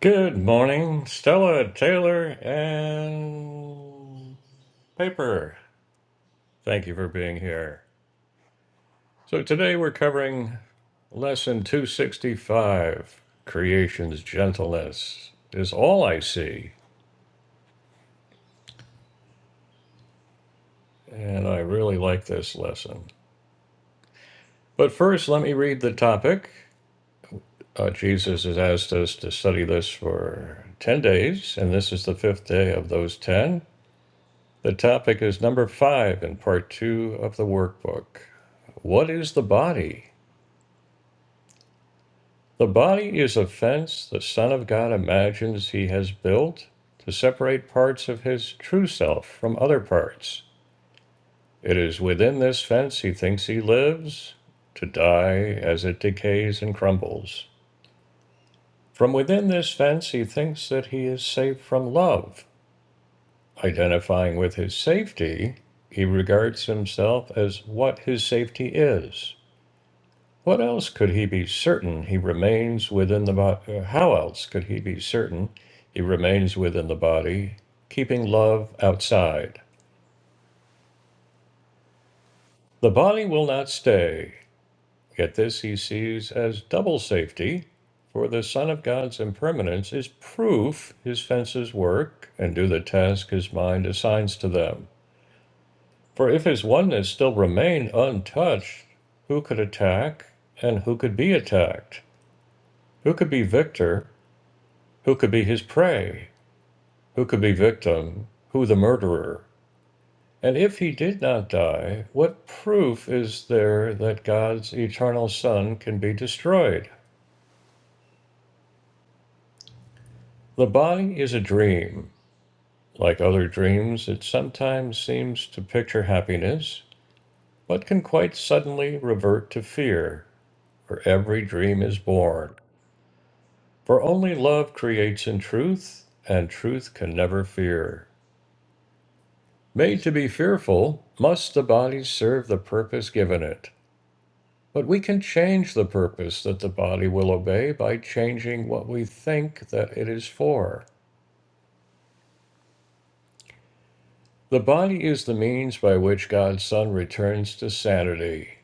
Good morning, Stella, Taylor, and Paper. Thank you for being here. So, today we're covering lesson 265 Creation's Gentleness is All I See. And I really like this lesson. But first, let me read the topic. Uh, Jesus has asked us to study this for 10 days, and this is the fifth day of those 10. The topic is number five in part two of the workbook. What is the body? The body is a fence the Son of God imagines he has built to separate parts of his true self from other parts. It is within this fence he thinks he lives, to die as it decays and crumbles. From within this fence he thinks that he is safe from love. Identifying with his safety, he regards himself as what his safety is. What else could he be certain he remains within the body? How else could he be certain he remains within the body, keeping love outside? The body will not stay, yet this he sees as double safety, for the Son of God's impermanence is proof his fences work and do the task his mind assigns to them. For if his oneness still remained untouched, who could attack and who could be attacked? Who could be victor Who could be his prey? Who could be victim? Who the murderer? And if he did not die, what proof is there that God's eternal Son can be destroyed? The body is a dream. Like other dreams, it sometimes seems to picture happiness, but can quite suddenly revert to fear, For every dream is born. For only love creates in truth, and truth can never fear. Made to be fearful, must the body serve the purpose given it. But we can change the purpose that the body will obey by changing what we think that it is for. The body is the means by which God's Son returns to sanity.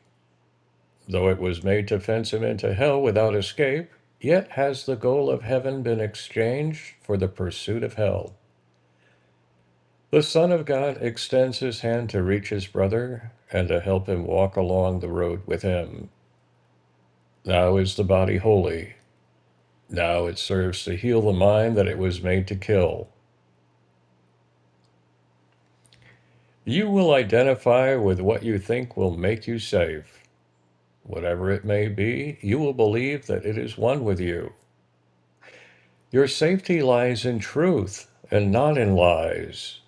Though it was made to fence him into hell without escape, yet has the goal of heaven been exchanged for the pursuit of hell. The Son of God extends his hand to reach his brother and to help him walk along the road with him. Now is the body holy. Now it serves to heal the mind that it was made to kill. You will identify with what you think will make you safe. Whatever it may be, you will believe that it is one with you. Your safety lies in truth and not in lies.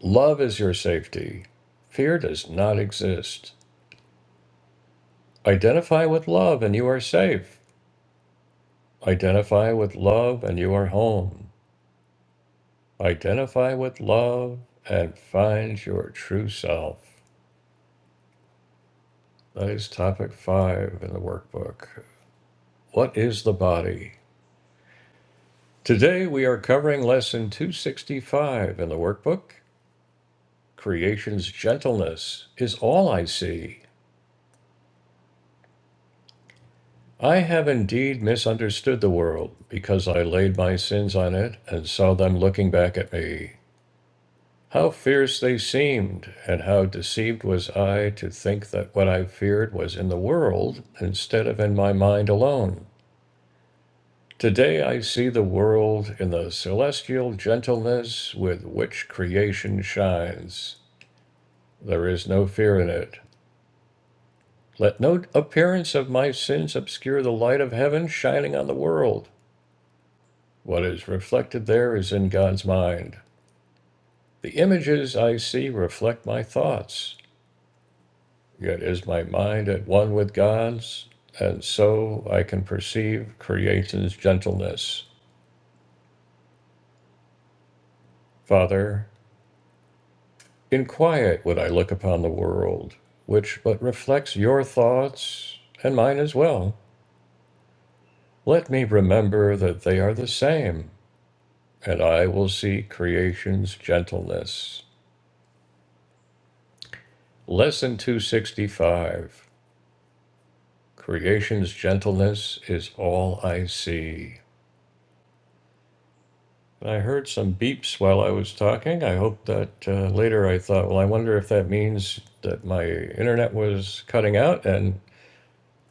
Love is your safety. Fear does not exist. Identify with love and you are safe. Identify with love and you are home. Identify with love and find your true self. That is topic five in the workbook. What is the body? Today we are covering lesson 265 in the workbook. Creation's gentleness is all I see. I have indeed misunderstood the world because I laid my sins on it and saw them looking back at me. How fierce they seemed, and how deceived was I to think that what I feared was in the world instead of in my mind alone. Today I see the world in the celestial gentleness with which creation shines. There is no fear in it. Let no appearance of my sins obscure the light of heaven shining on the world. What is reflected there is in God's mind. The images I see reflect my thoughts. Yet is my mind at one with God's, and so I can perceive creation's gentleness. Father, in quiet would I look upon the world, which but reflects your thoughts and mine as well. Let me remember that they are the same, and I will see creation's gentleness. Lesson 265 Creation's gentleness is all I see. I heard some beeps while I was talking. I hope that uh, later I thought, well, I wonder if that means that my internet was cutting out and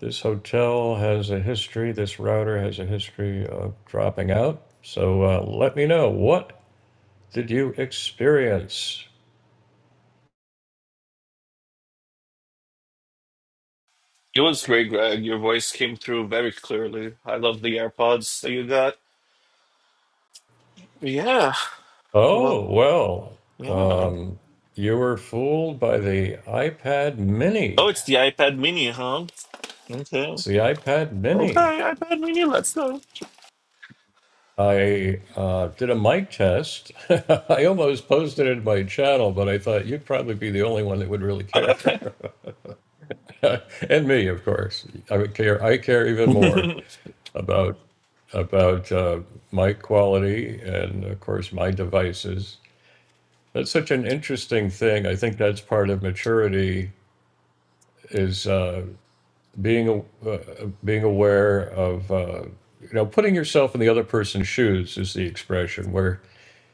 this hotel has a history, this router has a history of dropping out. So uh, let me know, what did you experience? It was great, Greg. Your voice came through very clearly. I love the AirPods that you got. Yeah. Oh, Well, well, yeah. um, you were fooled by the iPad Oh, mini. it's the iPad mini, huh? Okay. It's the iPad Okay, mini. iPad mini, let's go. I uh, did a mic test. I almost posted it in my channel, but I thought you'd probably be the only one that would really care, and me, of course. I would care. I care even more about about uh, mic quality and, of course, my devices. That's such an interesting thing. I think that's part of maturity is uh, being uh, being aware of uh, you know putting yourself in the other person's shoes is the expression where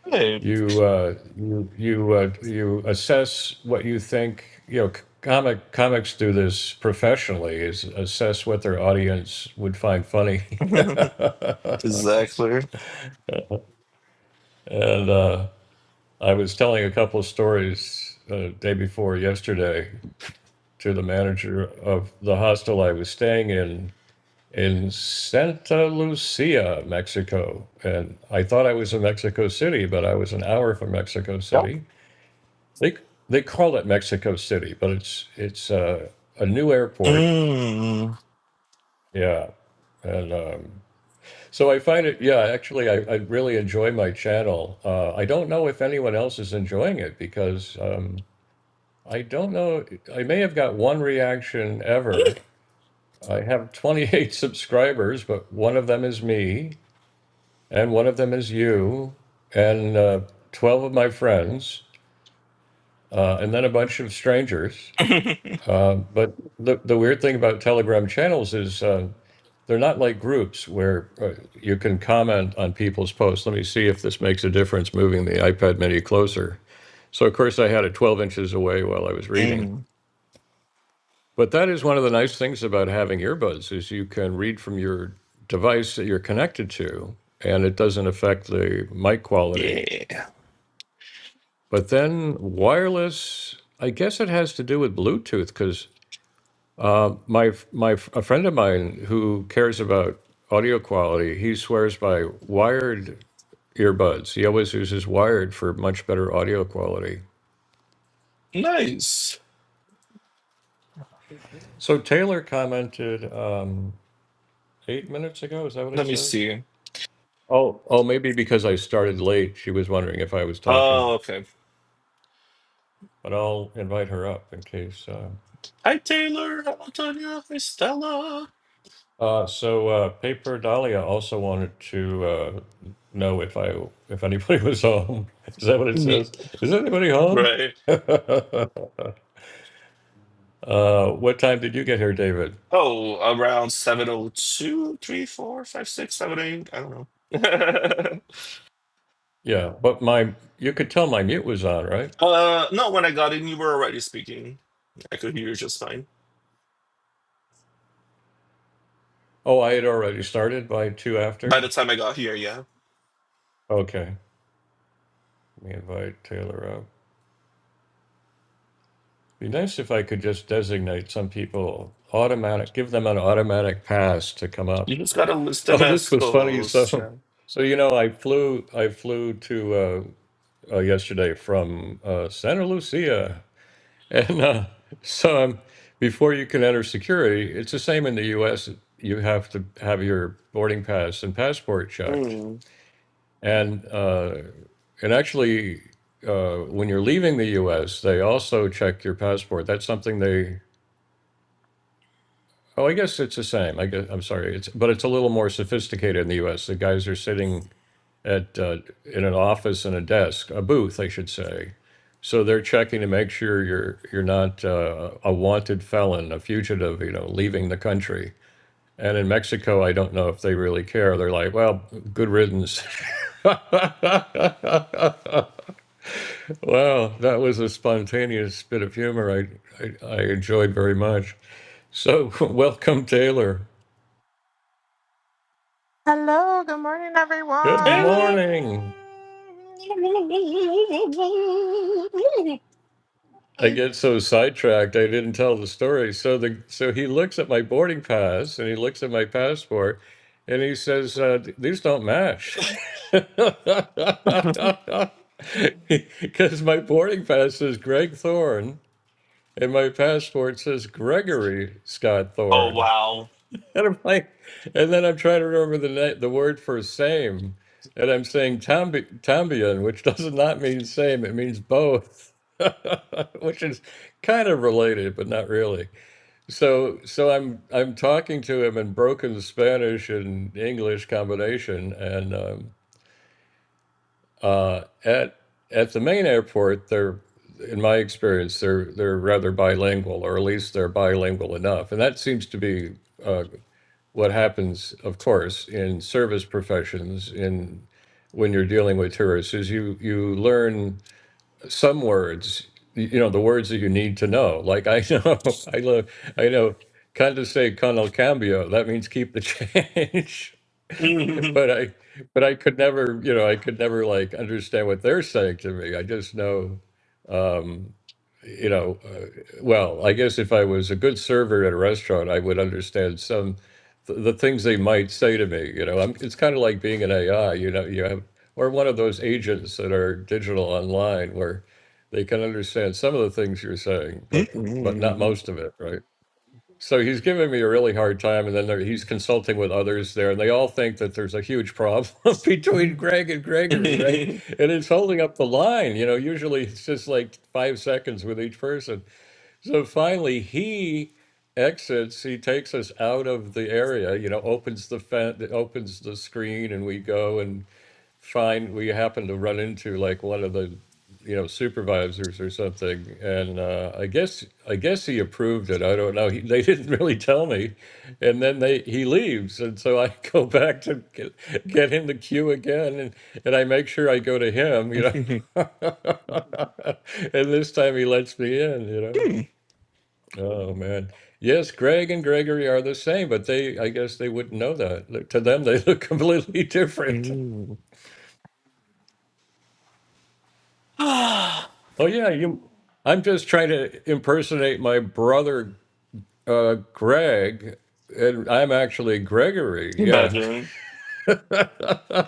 Okay. Right. You uh, you you uh, you assess what you think. You know, c- comic comics do this professionally: is assess what their audience would find funny. and Exactly. uh, I was telling a couple of stories uh, day before yesterday to the manager of the hostel I was staying in in Santa Lucia, Mexico. And I thought I was in Mexico City, but I was an hour from Mexico Yep. City They they call it Mexico City, but it's it's uh, a new airport. Mmm. Yeah, and um, so I find it. Yeah, actually, I, I really enjoy my channel. Uh, I don't know if anyone else is enjoying it because um, I don't know. I may have got one reaction ever. I have 28 subscribers, but one of them is me, and one of them is you, and uh, 12 of my friends, uh, and then a bunch of strangers. Uh, but the the weird thing about Telegram channels is uh, they're not like groups where uh, you can comment on people's posts. Let me see if this makes a difference moving the iPad Mini closer. So of course I had it 12 inches away while I was reading. Mm. But that is one of the nice things about having earbuds is you can read from your device that you're connected to, and it doesn't affect the mic quality. Yeah. But then wireless, I guess it has to do with Bluetooth because Uh, my my a friend of mine who cares about audio quality, he swears by wired earbuds. He always uses wired for much better audio quality. Nice. So Taylor commented um, eight minutes ago. Is that what it Let me says? see. Oh, oh, maybe because I started late, she was wondering if I was talking. Oh, okay. But I'll invite her up in case. Uh, Hi, Taylor. Hi, Antonia. Hi, Stella. Uh, so uh, Paper Dahlia also wanted to uh, know if I if anybody was home. Is that what it Yeah. says? Is anybody home? Right. uh, what time did you get here, David? Oh, around 702, 3, 4, five, six, seven, eight. I don't know. Yeah, but my you could tell my mute was on, right? uh, no, when I got in, you were already speaking. I could hear you just fine. Oh, I had already started by two By after. the time I got here, yeah. Okay, let me invite Taylor up. Be nice if I could just designate some people automatic, give them an automatic pass to come up. You just got a list of Oh, this was funny. escorts, yeah. So, so you know, I flew, I flew to uh, uh, yesterday from uh, Santa Lucia, and uh, so I'm, before you can enter security, it's the same in the U.S. You have to have your boarding pass and passport checked, Hmm. and uh, and actually, uh, when you're leaving the U.S., they also check your passport. That's something they. Oh, I guess it's the same. I guess, I'm sorry. It's but it's a little more sophisticated in the U.S. The guys are sitting at uh, in an office and a desk, a booth, I should say. So they're checking to make sure you're you're not uh, a wanted felon, a fugitive, you know, leaving the country. And in Mexico, I don't know if they really care. They're like, well, good riddance. wow, that was a spontaneous bit of humor I, I, I enjoyed very much. So, welcome, Taylor. Hello, good morning, Good Taylor! everyone. morning. I get so sidetracked. I didn't tell the story. So the so he looks at my boarding pass and he looks at my passport, and he says, uh, "These don't match," because my boarding pass says Greg Thorne and my passport says Gregory Scott Oh, Thorne. wow. And I'm like, and then I'm trying to remember the na- the word for same, and I'm saying tambi- tambion, which does not mean same; it means both, which is kind of related, but not really. So, so I'm I'm talking to him in broken Spanish and English combination, and um, uh, at at the main airport, they're in my experience, they're they're rather bilingual, or at least they're bilingual enough, and that seems to be. Uh, what happens, of course, in service professions in when you're dealing with tourists is you you learn some words, y- you know, the words that you need to know. Like I know, I love, I know, condescend con el cambio. That means keep the change. but I but I could never, you know, I could never like understand what they're saying to me. I just know, um, you know, uh, well, I guess if I was a good server at a restaurant, I would understand some th- the things they might say to me. You know, I'm, it's kind of like being an AI. You know, you have or one of those agents that are digital online where they can understand some of the things you're saying, but but not most of it, right? So he's giving me a really hard time, and then there, he's consulting with others there, and they all think that there's a huge problem between Greg and Gregory, right? And it's holding up the line. You know, usually it's just like five seconds with each person. So finally, he exits. He takes us out of the area. You know, opens the fen- opens the screen, and we go and find. We happen to run into like one of the, you know, supervisors or something. And uh, I guess I guess he approved it. I don't know. He, they didn't really tell me. And then they he leaves, and so I go back to get, get in the queue again, and and I make sure I go to him. You know. and this time he lets me in, you know. Oh man. Yes, Greg and Gregory are the same, but they I guess they wouldn't know that. Look, To them they look completely different. Oh yeah, you I'm just trying to impersonate my brother uh Greg and I'm actually Gregory. Yeah. Imagine.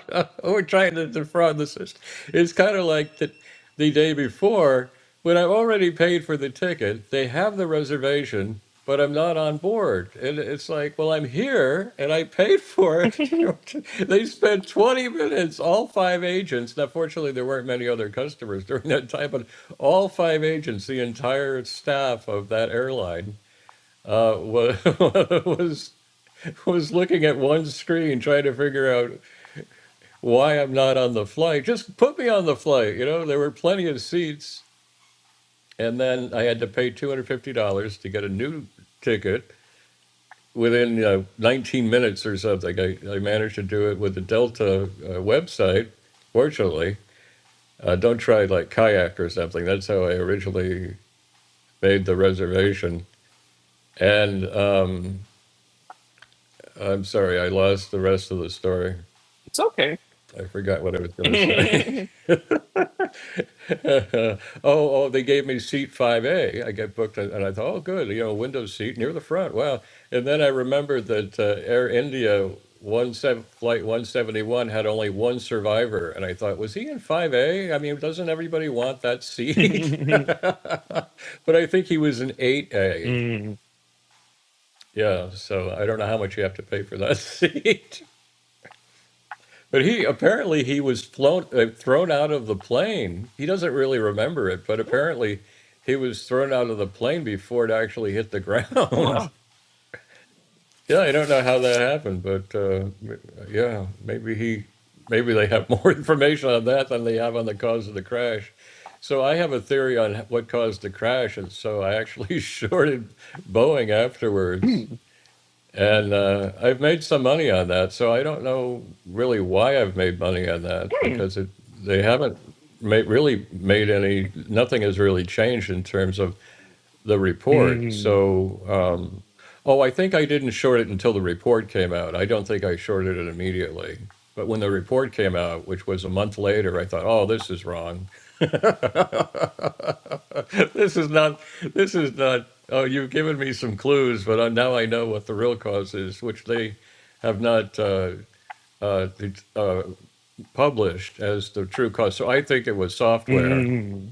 Uh, We're trying to defraud the system. It's kind of like the, the day before when I've already paid for the ticket. They have the reservation, but I'm not on board. And it's like, well, I'm here and I paid for it's it. they spent 20 minutes, all five agents. Now, fortunately, there weren't many other customers during that time, but all five agents, the entire staff of that airline, uh, was was was looking at one screen trying to figure out why I'm not on the flight. Just put me on the flight. You know, there were plenty of seats. And then I had to pay $250 to get a new ticket. Within uh, 19 minutes or something, I, I managed to do it with the Delta uh, website, fortunately. Uh, don't try like kayak or something. That's how I originally made the reservation. And um, I'm sorry, I lost the rest of the story. okay. I forgot what I was going to say. oh, oh, they gave me seat 5A. I got booked, and I thought, oh, good, you know, window seat near the front. Wow. And then I remembered that uh, Air India one seven, flight 171 had only one survivor. And I thought, was he in 5A? I mean, doesn't everybody want that seat? but I think he was in 8A. Mm. Yeah. So I don't know how much you have to pay for that seat. But he apparently he was flown uh, thrown out of the plane. He doesn't really remember it, but oh apparently he was thrown out of the plane before it actually hit the oh ground. well. yeah, I don't know how that happened, but uh, m- yeah, maybe he maybe they have more information on that than they have on the cause of the crash. So I have a theory on h- what caused the crash, and so I actually shorted Boeing afterwards. And uh, I've made some money on that, so I don't know really why I've made money on that Mm. because it they haven't made really made any nothing has really changed in terms of the report. Mm. So, um, oh, I think I didn't short it until the report came out. I don't think I shorted it immediately. But when the report came out, which was a month later, I thought, "Oh, this is wrong. this is not. This is not. Oh, you've given me some clues, but I- now I know what the real cause is, which they have not uh, uh, det- uh, published as the true cause." So I think it was software, Mm.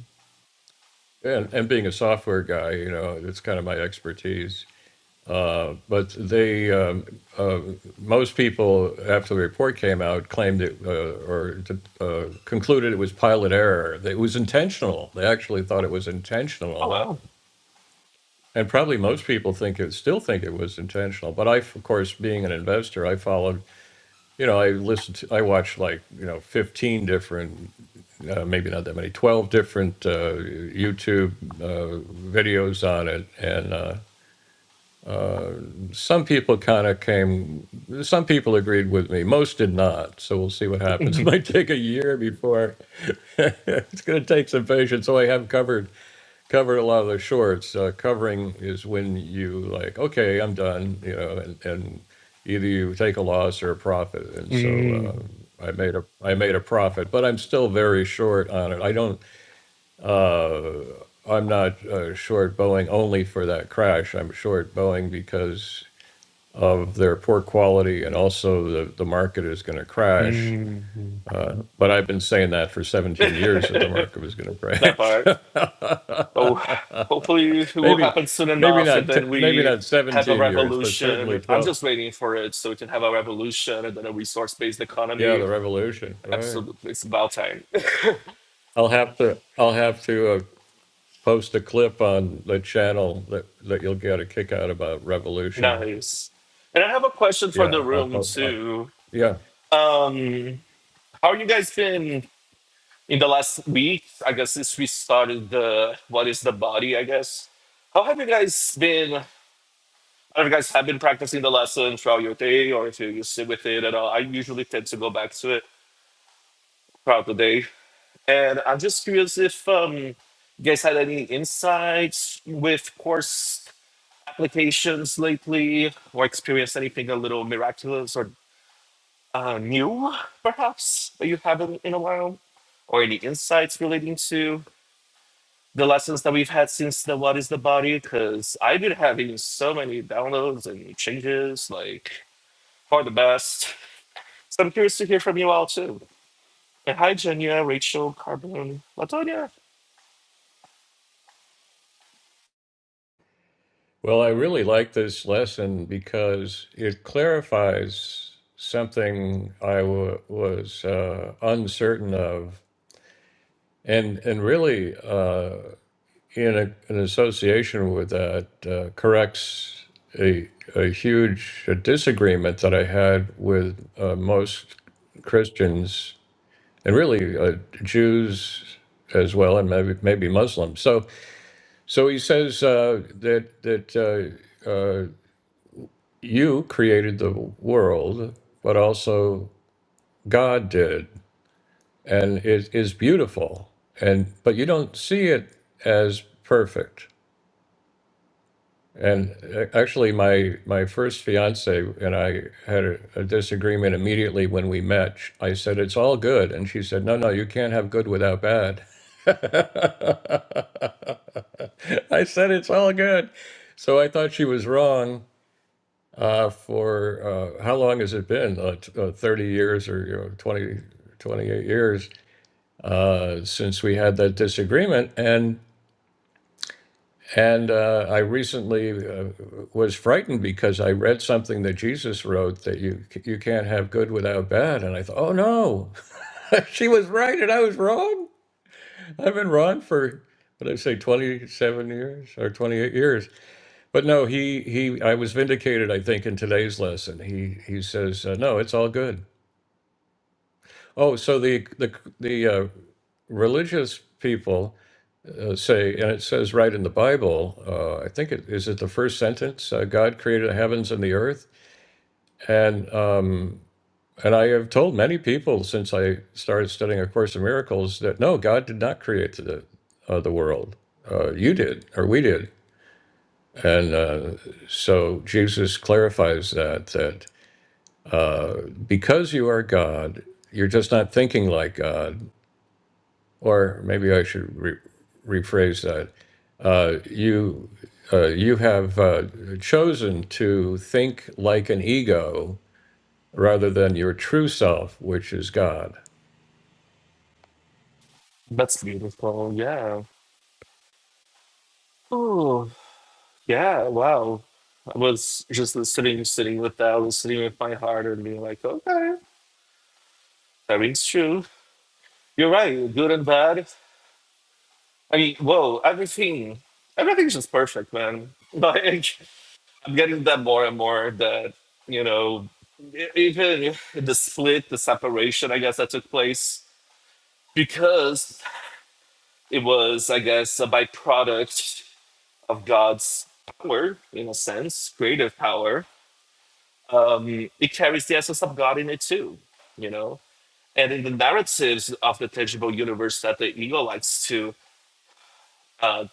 and, and being a software guy, you know, it's kind of my expertise. Uh, but they, um, uh, most people, after the report came out, claimed it uh, or uh, concluded it was pilot error. It was intentional. They actually thought it was Oh intentional. well. And probably most people think it still think it was intentional. But I, of course, being an investor, I followed, you know, I listened to, I watched like, you know, 15 different, uh, maybe not that many, 12 different uh, YouTube uh, videos on it. And, uh, uh, some people kind of came, some people agreed with me, most did not. So we'll see what happens. It might take a year before it's going to take some patience. So I have covered covered a lot of the shorts. Uh, covering is when you like, okay, I'm done, you know, and, and either you take a loss or a profit. And Mm. so uh, I made a I made a profit, but I'm still very short on it. I don't. Uh, I'm not uh, short Boeing only for that crash. I'm short Boeing because of their poor quality and also the, the market is going to crash. Mm. Uh, but I've been saying that for 17 years that the market was going to that crash. part. Oh, hopefully it will maybe, happen soon maybe enough, and not, t- then maybe we not have a 17 years, but certainly revolution. I'm 12. just waiting for it so we can have a revolution and then a resource-based Yeah, economy. the revolution. Right. Absolutely, it's about time. I'll have to, I'll have to uh, post a clip on the channel that, that you'll get a kick out about revolution nice. And I have a question for the Yeah, I'll, room pop- I'll too. yeah. Um, How you guys been in the last week? I guess since we started the what is the body, I guess. How have you guys been? Have you guys have been practicing the lesson throughout your day or if you sit with it at all. I usually tend to go back to it throughout the day. And I'm just curious if um, you guys had any insights with course applications lately or experienced anything a little miraculous or uh, new, perhaps, that you haven't in a while or any insights relating to. the lessons that we've had since the what is the body because i've been having so many downloads and changes like for the best so i'm curious to hear from you all too and hi jenya rachel carbon latonia Well, I really like this lesson because it clarifies something I wa was uh, uncertain of, and and really uh, in a, an association with that uh, corrects a a huge disagreement that I had with uh, most Christians and really uh, Jews as well, and maybe maybe Muslims. So. So he says uh, that that uh, uh, you created the world, but also God did, and it is beautiful. And but you don't see it as perfect. And uh, actually, my my first fiance and I had a, a disagreement immediately when we met. Sh- I said it's all good, and she said, "No, no, you can't have good without bad." I said it's all good, so I thought she was wrong Uh, for uh, how long has it been? Uh, t- uh, 30 years or you know, 20, twenty-eight years uh, since we had that disagreement. And and uh, I recently uh, was frightened because I read something that Jesus wrote that you you can't have good without bad. And I thought, oh no, she was right and I was wrong. I've been wrong for what did I say, 27 years or 28 years. But no, he he I was vindicated. I think in today's lesson, he he says, uh, no, it's all good Oh, so the the the uh, religious people uh, say, and it says right in the Bible. Uh, I think it is it the first sentence. Uh, God created the heavens and the earth, and um, and I have told many people since I started studying A Course in Miracles that no, God did not create the uh, the world. Uh, you did, or we did, and uh, so Jesus clarifies that that uh, because you are God, you're just not thinking like God Or maybe I should re- rephrase that. Uh, you uh, you have uh, chosen to think like an ego rather than your true self, which is God. that's beautiful yeah oh yeah wow i was just listening sitting with that listening with my heart and being like okay that rings true you're right good and bad i mean whoa everything everything's just perfect man like I'm getting that more and more that, you know, e- even the split, the separation, I guess, that took place because it was, I guess, a byproduct of God's power, in a sense, creative power. Um, it carries the essence of God in it too, you know? And in the narratives of the tangible universe that the ego likes to uh,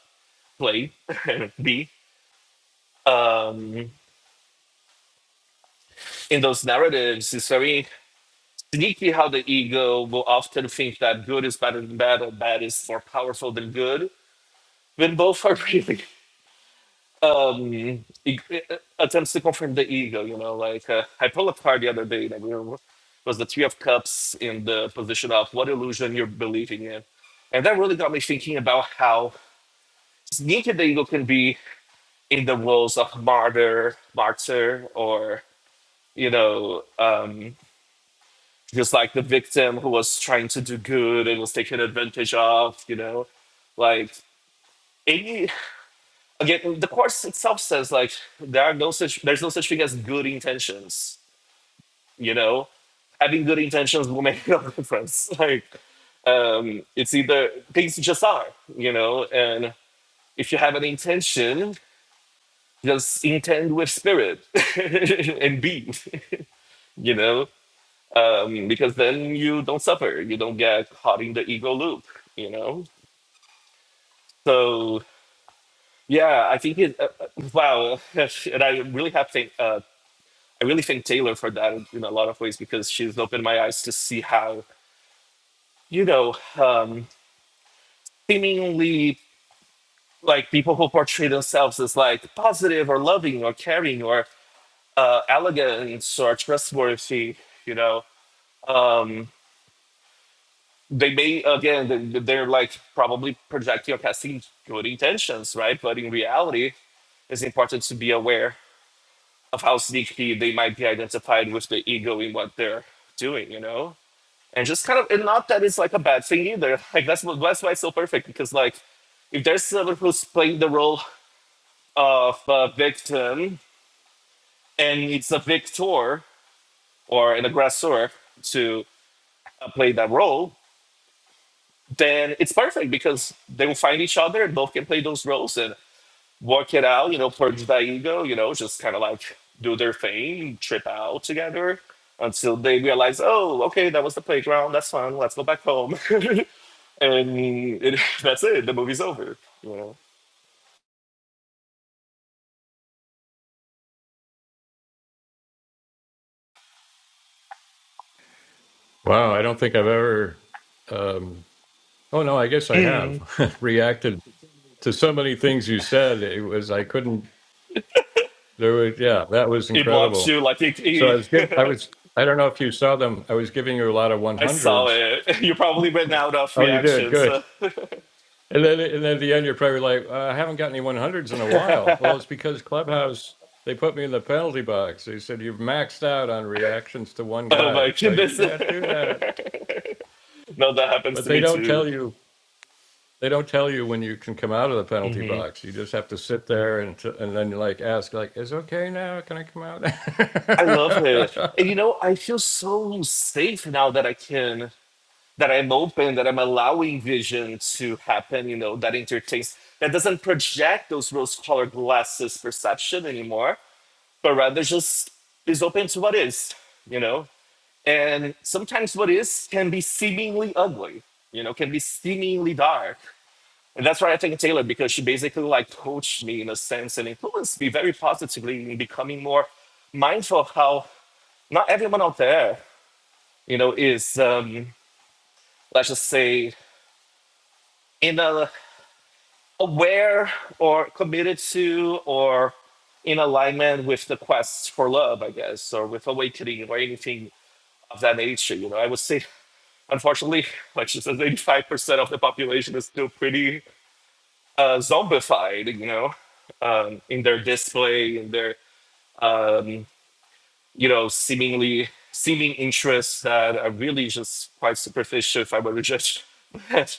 play and be, um, in those narratives, it's very Sneaky how the ego will often think that good is better than bad or bad is more powerful than good, when both are really um, e- e- e, attempts to confirm the ego. You know, like uh, I pulled a card the other day that we were- was the Three of Cups in the position of what illusion you're believing in. And that really got me thinking about how sneaky the ego can be in the roles of martyr, martyr, or, you know, Um, just like the victim who was trying to do good and was taken advantage of, you know, like any again the course itself says like there are no such there's no such thing as good intentions, you know. Having good intentions will make no difference. Like um, it's either things just are, you know, and if you have an intention, just intend with spirit and be, you know. um, because then you don't suffer. You don't get caught in the ego loop, you know? So, yeah, I think it, uh, uh, wow. And I really have thank, uh, I really thank Taylor for that in a lot of ways because she's opened my eyes to see how, you know, um, seemingly like people who portray themselves as like positive or loving or caring or uh, elegant or trustworthy, you know. um, they may again they- they're like probably projecting or casting good intentions right but in reality it's important to be aware of how sneaky they might be identified with the ego in what they're doing you know and just kind of and not that it's like a bad thing either like that's what that's why it's so perfect because like if there's someone who's playing the role of a victim and it's a victor or an aggressor to uh, play that role then it's perfect because they will find each other and both can play those roles and work it out, you know, purge the ego, you know, just kind of like do their thing, trip out together until they realize, oh, okay, that was the playground. That's fun. Let's go back home. and it, that's it. The movie's over, you know. Wow, I don't think I've ever. Um, oh no, I guess I Mm. have reacted to so many things you said. It was I couldn't. There was yeah, that was It blocks incredible. you like it, So I was give I it- was I don't know if you saw them. I was giving you a lot of one I saw hundreds. it. You probably ran out of Oh, you did reactions. good. oh And then, and then at the end, you're probably like, uh, I haven't got any 100s in a while. Well, it's because Clubhouse, they put me in the penalty box. They said, you've maxed out on reactions to one guy. my So you goodness. can't do that. no, that happens But to they me don't too. tell you, they don't tell you when you can come out of the penalty Mhm. box. You just have to sit there and, t- and then you like ask, like, is okay now? Can I come out? I love it. And you know, I feel so safe now that I can, that I'm open, that I'm allowing vision to happen, you know, that entertains, that doesn't project those rose colored glasses perception anymore, but rather just is open to what is, you know? And sometimes what is can be seemingly ugly, you know, can be seemingly dark. And that's why I thank Taylor because she basically like coached me in a sense and influenced me very positively in becoming more mindful of how not everyone out there, you know, is um, let's just say in a aware or committed to or in alignment with the quest for love, I guess, or with awakening or anything of that nature. You know, I would say, unfortunately, like she says, 85% of the population is still pretty uh, zombified, you know, um, in their display, in their, um, you know, seemingly seeming interests that are really just quite superficial if I were to judge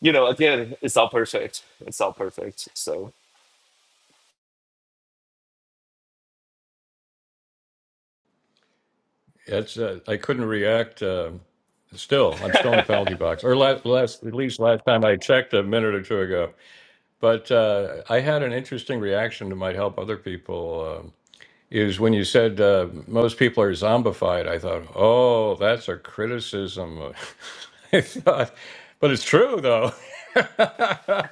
you know, again, it's all perfect. It's all perfect. So it's, uh, I couldn't react. Um, still, I'm still in the penalty box. Or last, last, at least last time I checked a minute or two ago. But uh, I had an interesting reaction that might help other people. Um, is when you said uh, most people are zombified. I thought, oh, that's a criticism. I thought, but it's true though,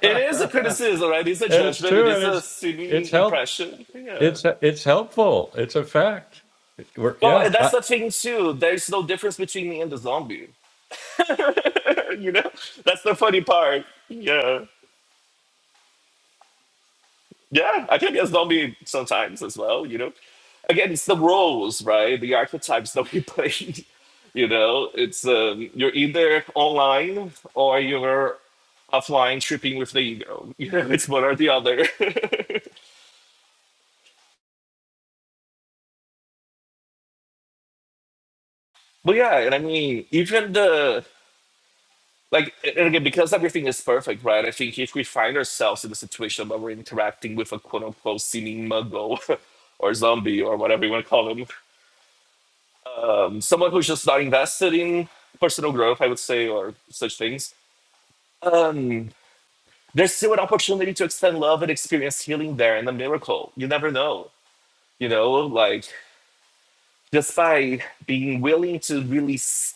it is a criticism, right? It's a it's judgment. It true, and is a it's it's silly help impression. Yeah. it's it's helpful. It's a fact. It- we're- Well, yeah. and I, that's the thing too. There's no difference between me and the zombie. you know, that's the funny part. Yeah. Yeah, I think it's zombie sometimes as well, you know. Again, it's the roles, right? The archetypes that we play. You know, it's um, you're either online or you're offline tripping with the ego. You know, it's one or the other. but yeah, and I mean, even the like, and again, because everything is perfect, right? I think if we find ourselves in a situation where we're interacting with a quote unquote seeming muggle or zombie or whatever you want to call them, someone who's just not invested in personal growth, I would say, or such things, um, there's still an opportunity to extend love and experience healing there and a miracle. You never know, you know, like just by being willing to really s-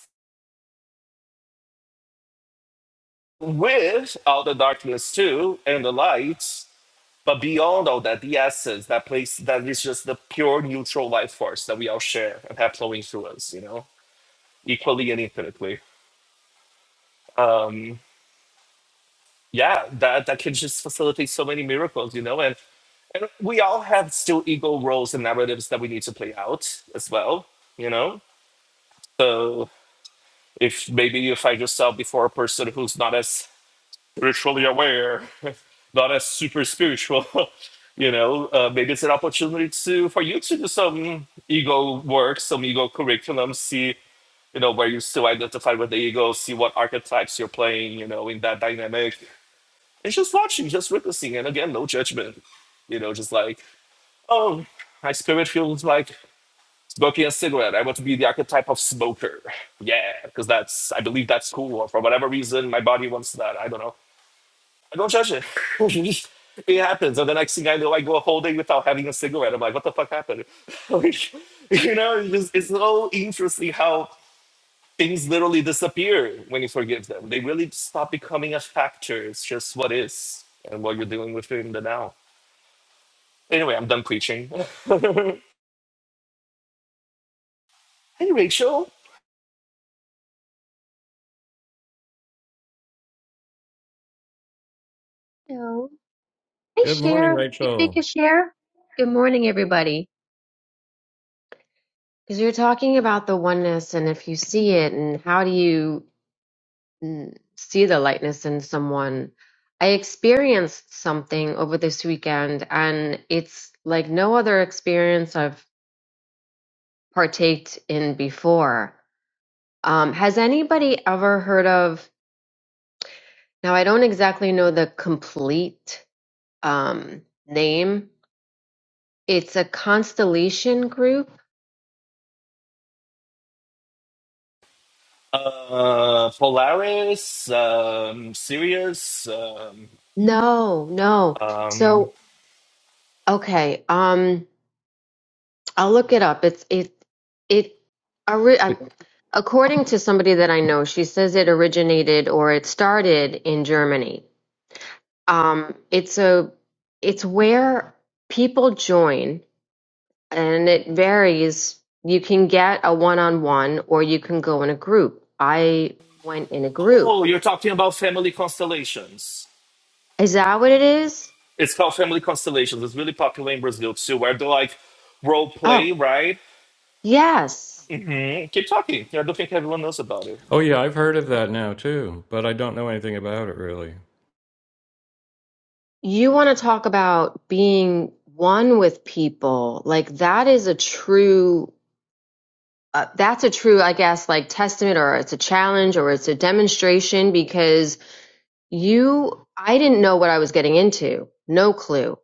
with all the darkness too and the light, but beyond all that, the essence, that place that is just the pure neutral life force that we all share and have flowing through us, you know, equally and infinitely. Um, yeah that that can just facilitate so many miracles you know and and we all have still ego roles and narratives that we need to play out as well you know so if maybe you find yourself before a person who's not as spiritually aware not as super spiritual you know uh, maybe it's an opportunity to for you to do some ego work some ego curriculum see you know where you still identify with the ego see what archetypes you're playing you know in that dynamic and just watching, just witnessing, and again, no judgment. You know, just like, oh, my spirit feels like smoking a cigarette. I want to be the archetype of smoker. Yeah, because that's I believe that's cool. Or for whatever reason, my body wants that. I don't know. I don't judge it. it happens, and the next thing I know, I go a whole day without having a cigarette. I'm like, what the fuck happened? you know, it's, it's so interesting how things literally disappear when you forgive them. They really stop becoming a factor. It's just what is and what you're dealing with in the now. Anyway, I'm done preaching. hey, Rachel. Hello. Hey, good morning, Cher. You make Rachel. a share? Good morning, everybody. Because you're talking about the oneness and if you see it and how do you mm, see the lightness in someone. I experienced something over this weekend and it's like no other experience I've partaked in before. Um, has anybody ever heard of, now I don't exactly know the complete um, name, it's a constellation group Uh, Polaris, um, Sirius. Um, No, no. um, So, okay, um, I'll look it up. It's it it ori- uh, according to somebody that I know, she says it originated or it started in Germany. Um, it's a it's where people join, and it varies. You can get a one-on-one, or you can go in a group. I went in a oh, group. you're talking about family constellations. Is that what it is? It's called Family Constellations. It's really popular in Brazil too, where they like role Oh, play, right? yes. hmm Keep talking. I don't think everyone knows about it. Oh yeah, I've heard of that now too, but I don't know anything about it really. You want to talk about being one with people. Like that is a true uh, that's a true, I guess, like testament or it's a challenge or it's a demonstration because you I didn't know what I was getting into. No clue.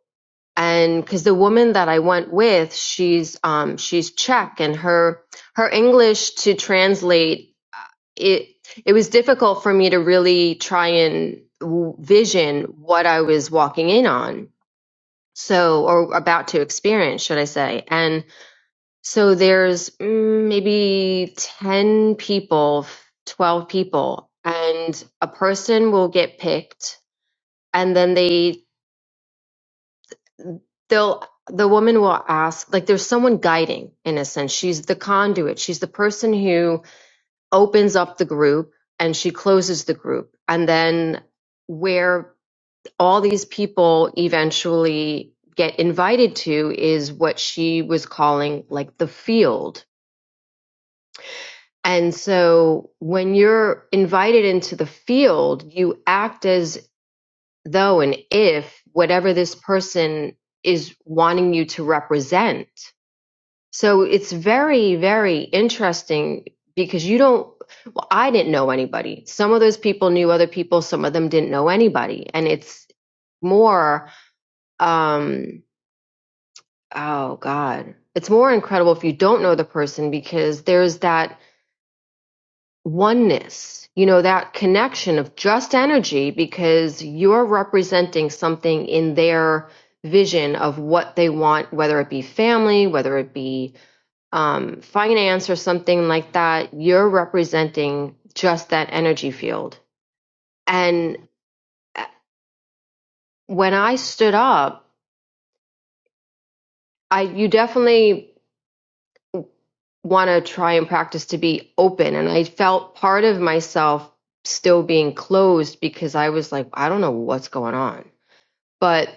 And cuz the woman that I went with, she's um she's Czech and her her English to translate uh, it it was difficult for me to really try and w- vision what I was walking in on so or about to experience should i say and so there's mm, maybe 10 people 12 people and a person will get picked and then they they'll the woman will ask like there's someone guiding in a sense she's the conduit she's the person who opens up the group and she closes the group and then where all these people eventually get invited to is what she was calling like the field. And so when you're invited into the field, you act as though and if whatever this person is wanting you to represent. So it's very, very interesting because you don't, well, I didn't know anybody. Some of those people knew other people, some of them didn't know anybody. And it's more, um, Oh God. It's more incredible if you don't know the person because there's that oneness, you know, that connection of just energy because you're representing something in their vision of what they want, whether it be family, whether it be um, finance or something like that. You're representing just that energy field. And uh, when I stood up, I you definitely want to try and practice to be open. And I felt part of myself still being closed because I was like, I don't know what's going on. But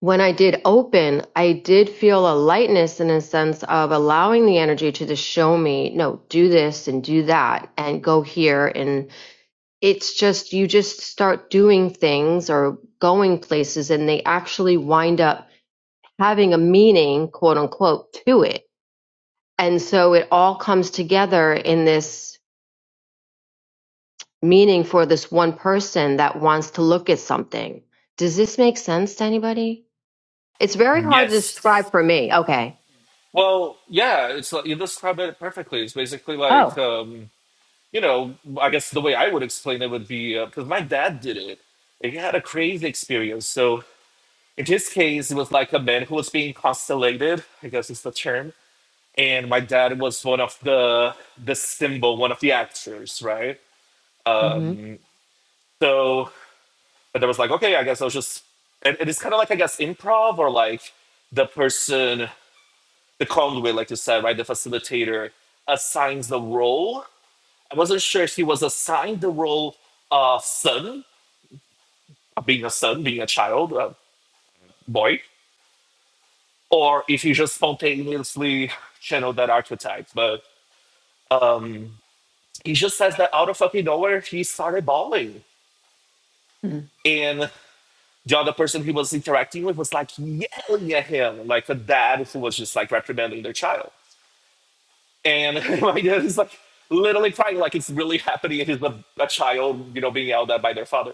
when I did open, I did feel a lightness in a sense of allowing the energy to just show me, no, do this and do that and go here. And it's just, you just start doing things or going places and they actually wind up having a meaning, quote unquote, to it. And so it all comes together in this meaning for this one person that wants to look at something. Does this make sense to anybody? It's very hard to Yes. describe for me. Okay. Well, yeah, it's like you described it perfectly. It's basically like, Oh. um, you know, I guess the way I would explain it would be because my dad did it. He had a crazy experience. So in his case, it was like a man who was being constellated, I guess is the term. And my dad was one of the the symbol, one of the actors, right? Mm-hmm. Um, so but there was like, okay, I guess I was just, and it is kind of like I guess improv or like the person. the conduit, like you said, right? The facilitator assigns the role. I wasn't sure if he was assigned the role of son, of being a son, being a child, a boy, or if he just spontaneously channeled that archetype. But um, he just says that out of fucking nowhere, he started bawling. And the other person he was interacting with was like yelling at him, like a dad who was just like reprimanding their child. And my dad is like literally crying, like it's really happening. And he's a, a child, you know, being yelled at by their father.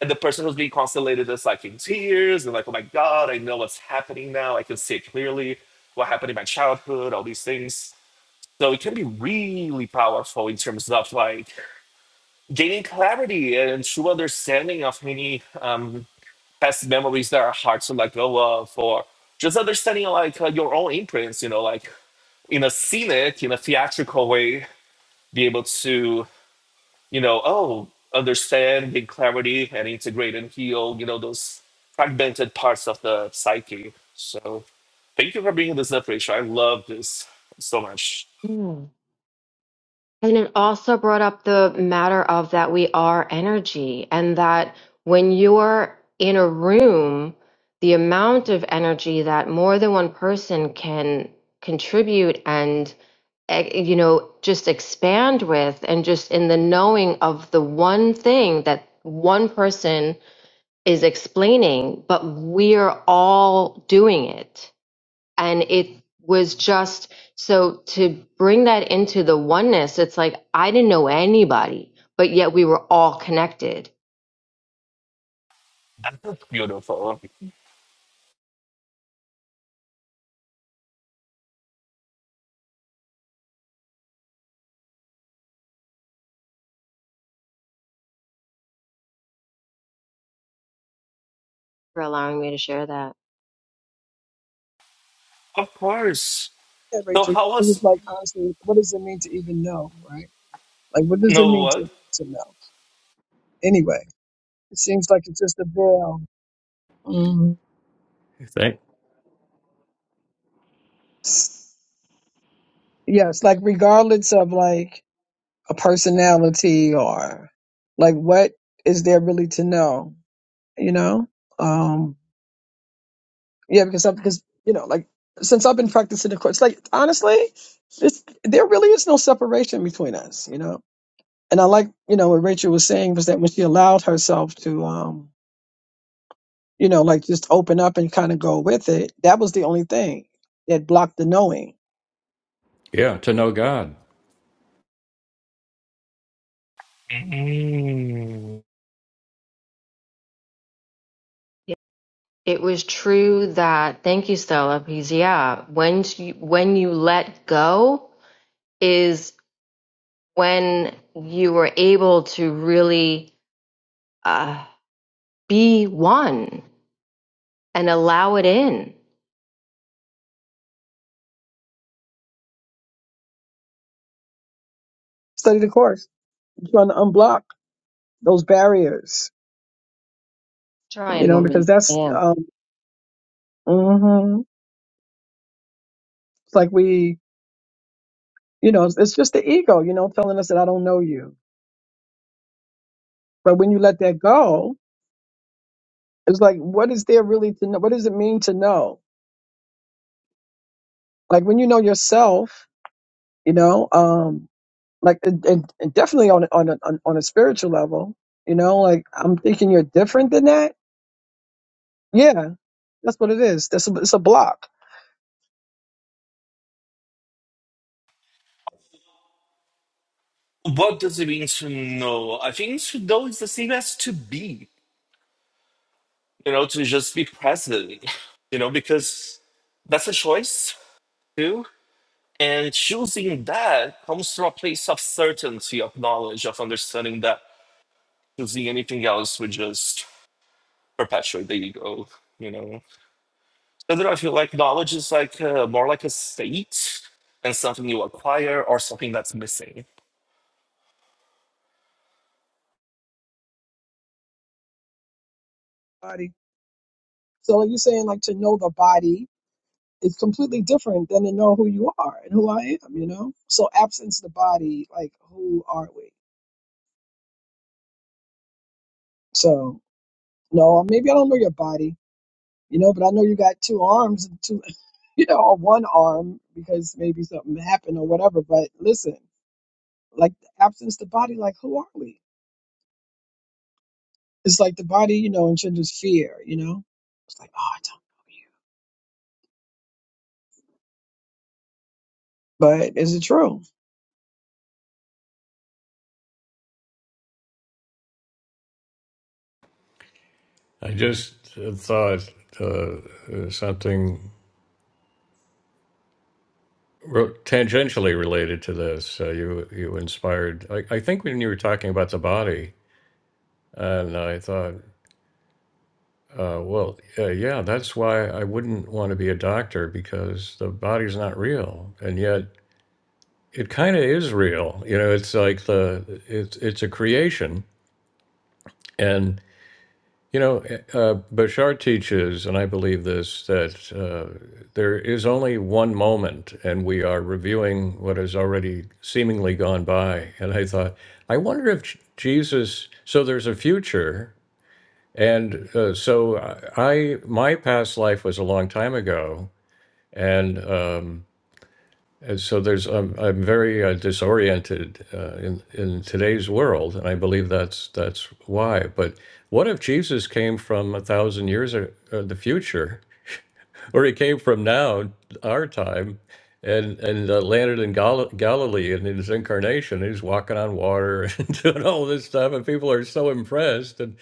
And the person who's being consolated is like in tears and like, oh my God, I know what's happening now. I can see it clearly, what happened in my childhood, all these things. So it can be really powerful in terms of like gaining clarity and true understanding of many um, past memories that are hard to let go of, or just understanding like uh, your own imprints, you know, like in a scenic, in a theatrical way be able to, you know, oh, understand, gain clarity, and integrate and heal, you know, those fragmented parts of the psyche. So thank you for bringing this up, Rachel. I love this so much. Mm-hmm. And it also brought up the matter of that we are energy and that when you're in a room, the amount of energy that more than one person can contribute and eh, you know just expand with and just in the knowing of the one thing that one person is explaining but we're all doing it and it was just so to bring that into the oneness it's like i didn't know anybody but yet we were all connected That's Beautiful. for allowing me to share that Of course. Yeah, So Rachel, it how was was like honestly, what does it mean to even know, right? Like, what does it no mean what? to to know? Anyway, it seems like it's just a veil. Mm. Thank Yes, like regardless of like a personality or like what is there really to know, you know? Um, yeah, because I, because you know, like since I've been practicing the course, like honestly, it's, there really is no separation between us, you know. And I like, you know, what Rachel was saying was that when she allowed herself to, um you know, like just open up and kind of go with it. That was the only thing that blocked the knowing. yeah to know God. Mm. Yeah. it was true that thank you stella because yeah when you, when you let go is when you were able to really uh, be one and allow it in Study the course, trying to unblock those barriers, try you and know, because woman that's, am um, hmm it's like we, you know, it's, it's just the ego, you know, telling us that I don't know you. But when you let that go, it's like, what is there really to know? What does it mean to know? Like when you know yourself, you know um like and, and and definitely on a- on a, on on a spiritual level you know like i'm thinking you're different than that yeah that's what it is that's a, it's a block What does it mean to know? I think to know is the same as to be, you know, to just be present, you know, because that's a choice too. And choosing that comes from a place of certainty, of knowledge, of understanding that choosing anything else would just perpetuate the ego, you know. So then I feel like knowledge is like uh, more like a state and something you acquire or something that's missing. body so like you're saying like to know the body is completely different than to know who you are and who i am you know so absence the body like who are we so no maybe i don't know your body you know but i know you got two arms and two you know or one arm because maybe something happened or whatever but listen like absence the body like who are we it's like the body you know engenders fear you know it's like oh i don't know you but is it true I just thought uh, something tangentially related to this. Uh, you you inspired. I, I think when you were talking about the body, and I thought, uh, well, uh, yeah, that's why I wouldn't want to be a doctor because the body's not real, and yet it kind of is real. You know, it's like the it's it's a creation, and. You know, uh, Bashar teaches, and I believe this, that uh, there is only one moment, and we are reviewing what has already seemingly gone by. And I thought, I wonder if J- Jesus, so there's a future. And uh, so I, my past life was a long time ago. And um, and so there's I'm, I'm very uh, disoriented uh, in in today's world, and I believe that's that's why. But what if Jesus came from a thousand years or, or the future, or he came from now, our time, and and uh, landed in Gal- Galilee in his incarnation? He's walking on water and doing all this stuff, and people are so impressed, and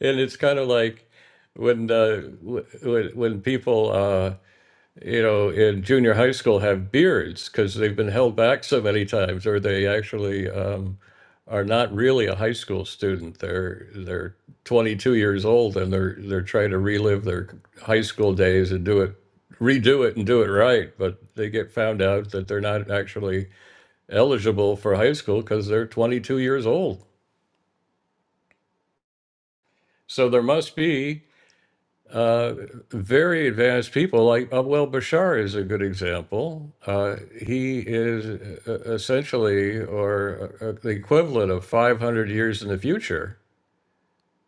and it's kind of like when uh, w- when when people. Uh, you know, in junior high school have beards because they've been held back so many times, or they actually um, are not really a high school student. They're they're 22 years old and they're they're trying to relive their high school days and do it, redo it and do it right. But they get found out that they're not actually eligible for high school because they're 22 years old. So there must be uh, very advanced people, like uh, well, Bashar is a good example. Uh, he is uh, essentially or uh, uh, the equivalent of 500 years in the future.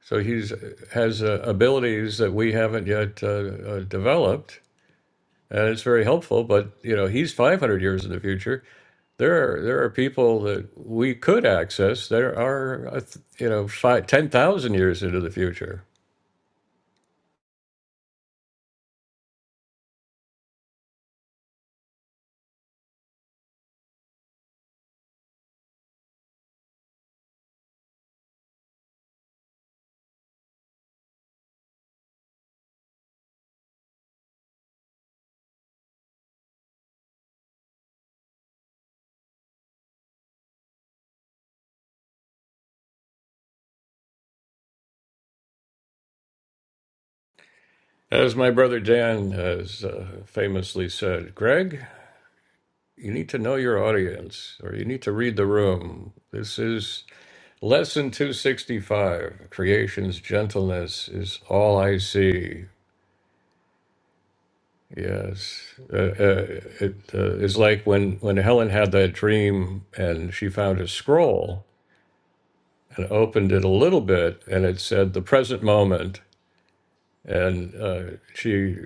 So he's uh, has uh, abilities that we haven't yet uh, uh, developed, and it's very helpful. But you know, he's 500 years in the future. There are there are people that we could access. There are uh, th- you know five, 10,000 years into the future. As my brother Dan has uh, famously said, Greg, you need to know your audience or you need to read the room. This is lesson 265. Creation's gentleness is all I see. Yes. Uh, uh, it uh, is like when, when Helen had that dream and she found a scroll and opened it a little bit and it said the present moment. And uh, she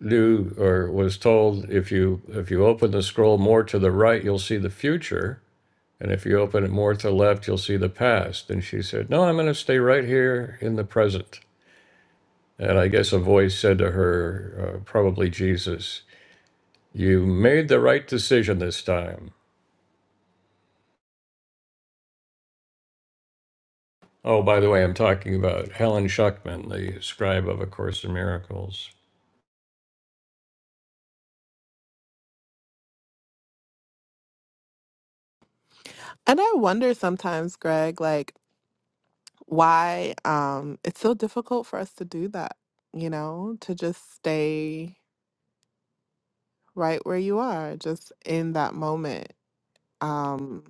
knew or was told if you if you open the scroll more to the right you'll see the future and if you open it more to the left you'll see the past and she said no i'm going to stay right here in the present and i guess a voice said to her uh, probably jesus you made the right decision this time oh by the way i'm talking about helen schuckman the scribe of a course in miracles And I wonder sometimes, Greg, like why um it's so difficult for us to do that, you know, to just stay right where you are, just in that moment. Um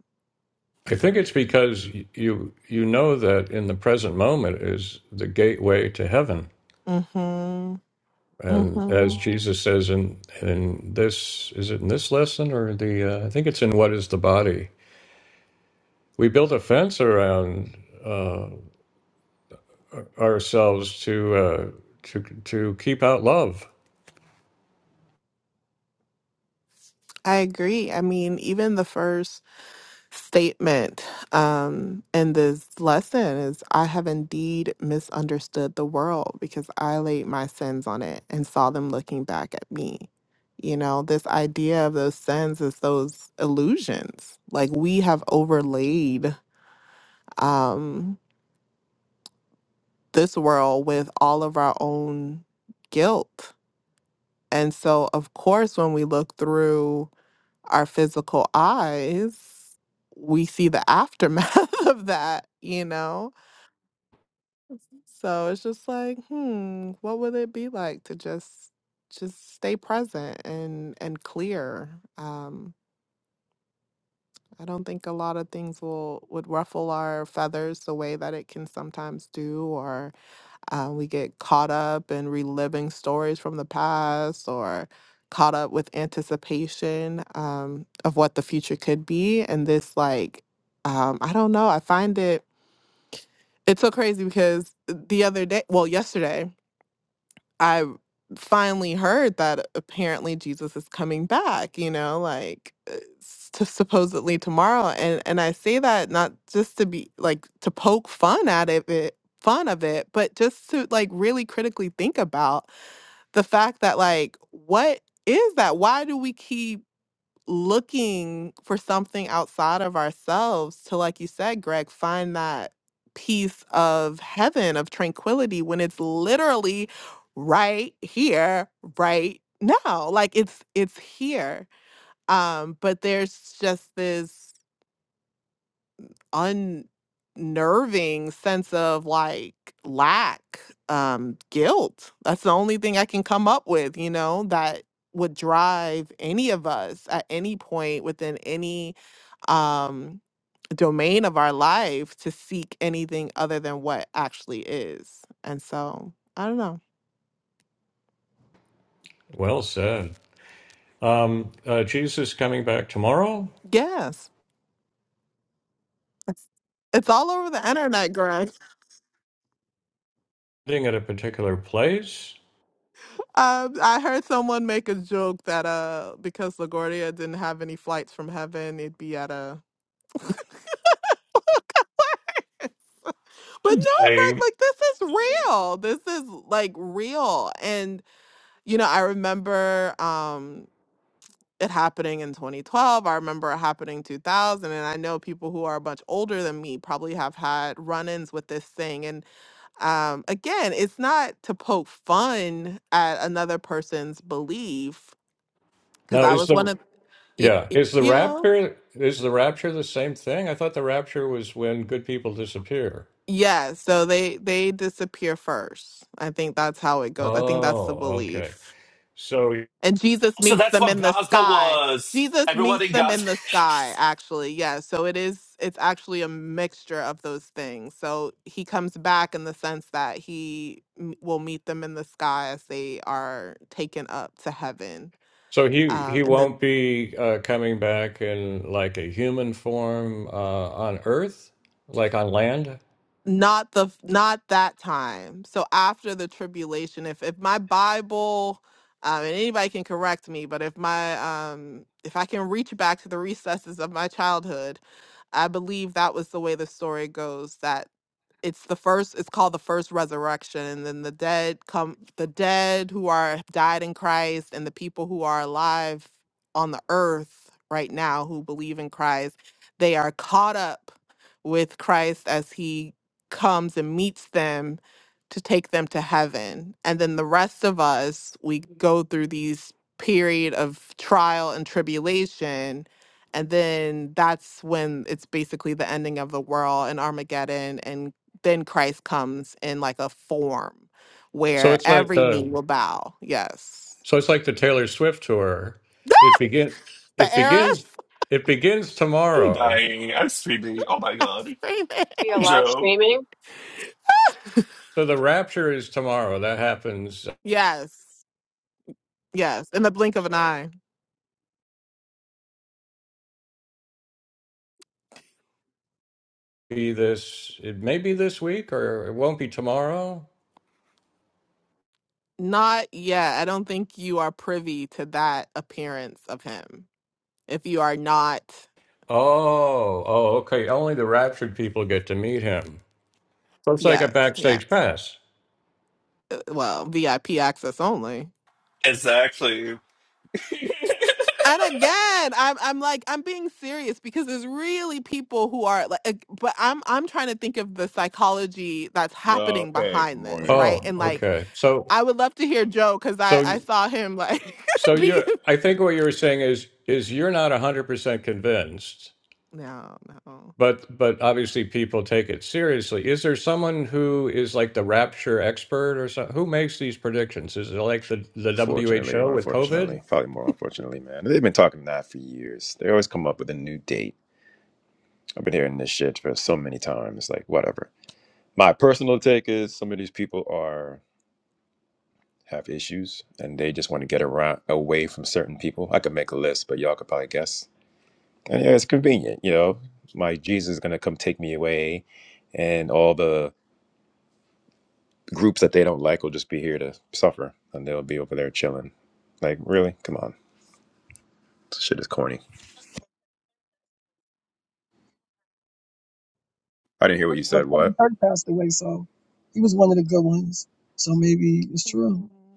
i think it's because you you know that in the present moment is the gateway to heaven mhm. And as Mhm. Jesus says in in this is it in this lesson or the uh, I think it's in what is the body? We build a fence around uh, ourselves to uh, to to keep out love. I agree. I mean, even the first statement um, in this lesson is I have indeed misunderstood the world because I laid my sins on it and saw them looking back at me. You know, this idea of those sins is those illusions. Like we have overlaid um, this world with all of our own guilt. And so, of course, when we look through our physical eyes, we see the aftermath of that, you know? So it's just like, hmm, what would it be like to just just stay present and and clear? Um, I don't think a lot of things will would ruffle our feathers the way that it can sometimes do, or uh, we get caught up in reliving stories from the past, or caught up with anticipation um, of what the future could be. And this, like, um, I don't know. I find it it's so crazy because the other day, well, yesterday. I finally heard that apparently Jesus is coming back, you know, like uh, s- to supposedly tomorrow. And and I say that not just to be like to poke fun at it, it- fun of it, but just to like really critically think about the fact that like what is that? Why do we keep looking for something outside of ourselves to, like you said, Greg, find that peace of heaven, of tranquility when it's literally right here, right now. Like it's it's here. Um, but there's just this unnerving sense of like lack, um, guilt. That's the only thing I can come up with, you know, that would drive any of us at any point within any um, domain of our life to seek anything other than what actually is. And so, I don't know. Well said. Um, uh, Jesus coming back tomorrow, Yes. It's it's all over the internet, Greg. sitting at a particular place. um, I heard someone make a joke that uh, because LaGuardia didn't have any flights from heaven, it'd be at a. but no, Greg, Dying. like this is real. This is like real. And, you know, I remember. um it happening in 2012. I remember it happening 2000, and I know people who are much older than me probably have had run-ins with this thing. And um, again, it's not to poke fun at another person's belief, because Now I is was one the of y- yeah y- is the you know. rapture is the rapture the same thing? I thought the rapture was when good people disappear. Yeah, so they they disappear first. I think that's how it goes. I think that's the Oh, okay. belief. So and Jesus So meets that's them what in the Gaza sky. was. Jesus Everyone meets in them Gaza. in the sky, actually. Yeah. So it is, it's actually a mixture of those things. So he comes back in the sense that he m- will meet them in the sky as they are taken up to heaven. So he Um, he and then won't be uh, coming back in like a human form uh, on Earth, like on land. not the not that time so after the tribulation if if my bible um, and anybody can correct me but if my um if i can reach back to the recesses of my childhood i believe that was the way the story goes that it's the first it's called the first resurrection and then the dead come the dead who are have died in christ and the people who are alive on the earth right now who believe in christ they are caught up with christ as he comes and meets them to take them to heaven and then the rest of us we go through these period of trial and tribulation and then that's when it's basically the ending of the world and Armageddon and then Christ comes in like a form So where it's like every uh, knee will bow. Yes. so it's like the Taylor Swift tour. It begin The it begins heiress? it begins I'm tomorrow. dying. I'm screaming. Oh my I'm God. screaming. We Hi, are live Joe. streaming. So the rapture is tomorrow. That happens. uh, Yes. Yes. In the blink of an eye. Be this it may be this week or it won't be tomorrow. Not yet. I don't think you are privy to that appearance of him. If you are not, Oh oh okay. Only the raptured people get to meet him. So it's like a yes, backstage yes. pass. Uh, Well, VIP access only. Exactly. And again, I'm I'm like I'm being serious because there's really people who are like, ag- but I'm I'm trying to think of the psychology that's No, happening hey, good behind this, morning. right? Oh Good And morning. like, okay. So I would love to hear Joe because I so. I saw him like So be you're, I think what you were saying is is you're not 100% convinced, no no but but obviously people take it seriously. Is there someone who is like the rapture expert or something? Who makes these predictions? Is it like the, the Fortunately WHO or with COVID? unfortunately, probably more unfortunately, man. They've been talking that for years. They always come up with a new date. I've been hearing this shit for so many times. Like, whatever. My personal take is some of these people are have issues and they just want to get around away from certain people. I could make a list, but y'all could probably guess. And yeah, it's convenient, you know. My Jesus is gonna come take me away, and all the groups that they don't like will just be here to suffer, and they'll be over there chilling. Like, really? Come on. shit is corny. I didn't hear what but you said. Kevin What? Kirk passed away so he was one of the good ones so maybe it's true Mm.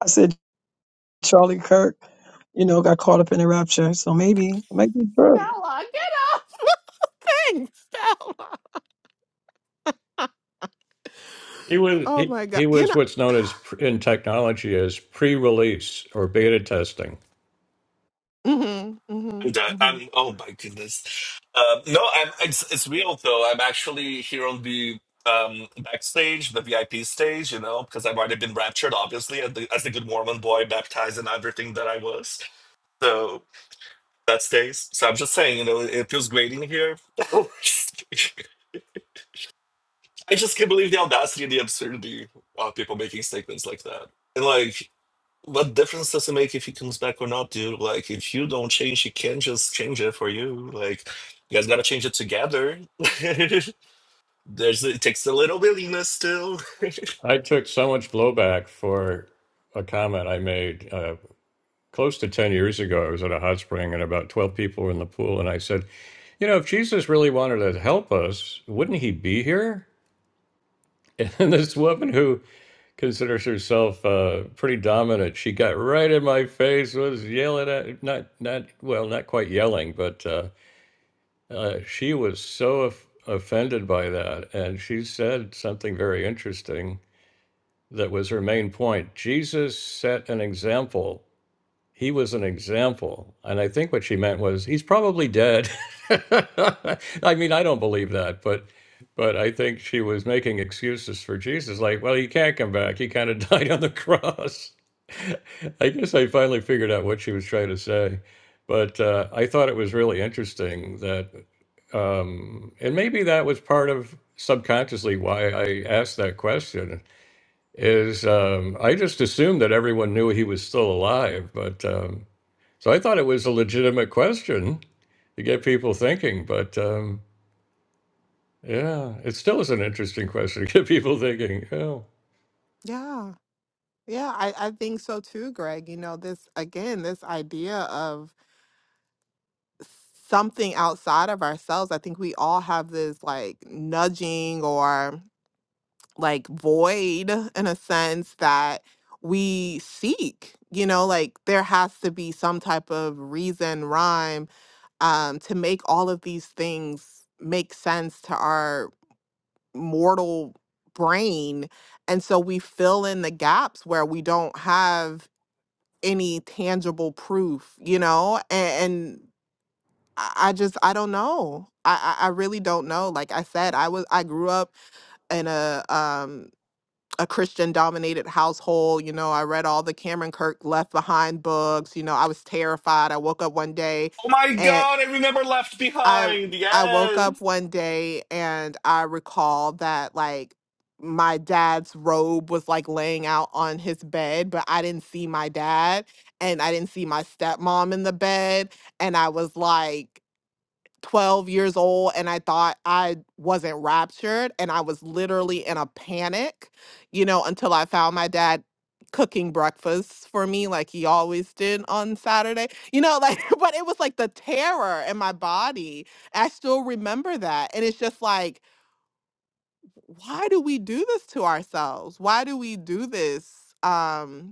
i said charlie kirk you know got caught up in the rapture so maybe it might be true Stella, get off! Thanks, Stella. He was Oh he, my god, he you know. was what's known as pr- in technology as pre-release or beta testing. Mhm. I'm Mhm. done. Mhm. I'm. Oh my goodness. Um, no, I'm. It's it's real though. I'm actually here on the um backstage, the VIP stage. You know, because I've already been raptured, obviously, as the, as the good Mormon boy, baptized and everything that I was. So that stays. So I'm just saying, you know, it feels great in here. I just can't believe the audacity and the absurdity of people making statements like that. And like, what difference does it make if he comes back or not, dude? Like, if you don't change, he can just change it for you. Like, you guys gotta change it together. There's it takes a little willingness still. I took so much blowback for a comment I made uh, close to 10 years ago. I was at a hot spring and about 12 people were in the pool and I said, You know, if Jesus really wanted to help us, wouldn't he be here? And this woman who considers herself uh, pretty dominant, she got right in my face, was yelling at not not well, not quite yelling, but uh, uh, she was so of offended by that, and she said something very interesting that was her main point. Jesus set an example he was an example. And I think what she meant was he's probably dead. I mean, I don't believe that, but but I think she was making excuses for Jesus, like, well, he can't come back. He kind of died on the cross. I guess I finally figured out what she was trying to say. But uh, I thought it was really interesting that, um, and maybe that was part of subconsciously why I asked that question. Is um, I just assumed that everyone knew he was still alive, but um, so I thought it was a legitimate question to get people thinking, but um, yeah, it still is an interesting question to get people thinking. Yeah, Yeah. Yeah, I I think so too, Greg. You know, this again, this idea of something outside of ourselves. I think we all have this like nudging or like void in a sense that we seek. You know, like there has to be some type of reason, rhyme, um, to make all of these things make sense to our mortal brain and so we fill in the gaps where we don't have any tangible proof you know and, and i I just i don't know I, I i really don't know like i said i was i grew up in a um a christian dominated household you know i read all the cameron kirk left behind books you know i was terrified i woke up one day Oh my and god, I remember Left I Behind. I woke up Yes. one day and I recall that like my dad's robe was like laying out on his bed, but I didn't see my dad and I didn't see my stepmom in the bed and I was like 12 years old and I thought I wasn't raptured and I was literally in a panic, you know, until I found my dad cooking breakfast for me like he always did on Saturday. You know, like but it was like the terror in my body. I still remember that and it's just like why do we do this to ourselves? Why do we do this? Um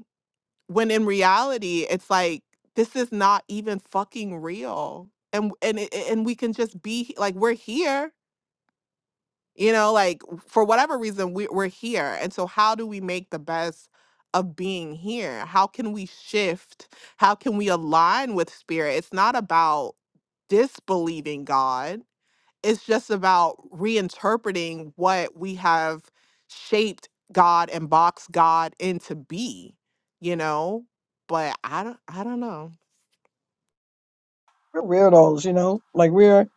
when in reality it's like this is not even fucking real and and it- and we can just be like we're here you know like for whatever reason we, we're here and so how do we make the best of being here how can we shift how can we align with spirit it's not about disbelieving god it's just about reinterpreting what we have shaped God and boxed God into be, you know. But I don't, I don't know. we're weirdos you know like we're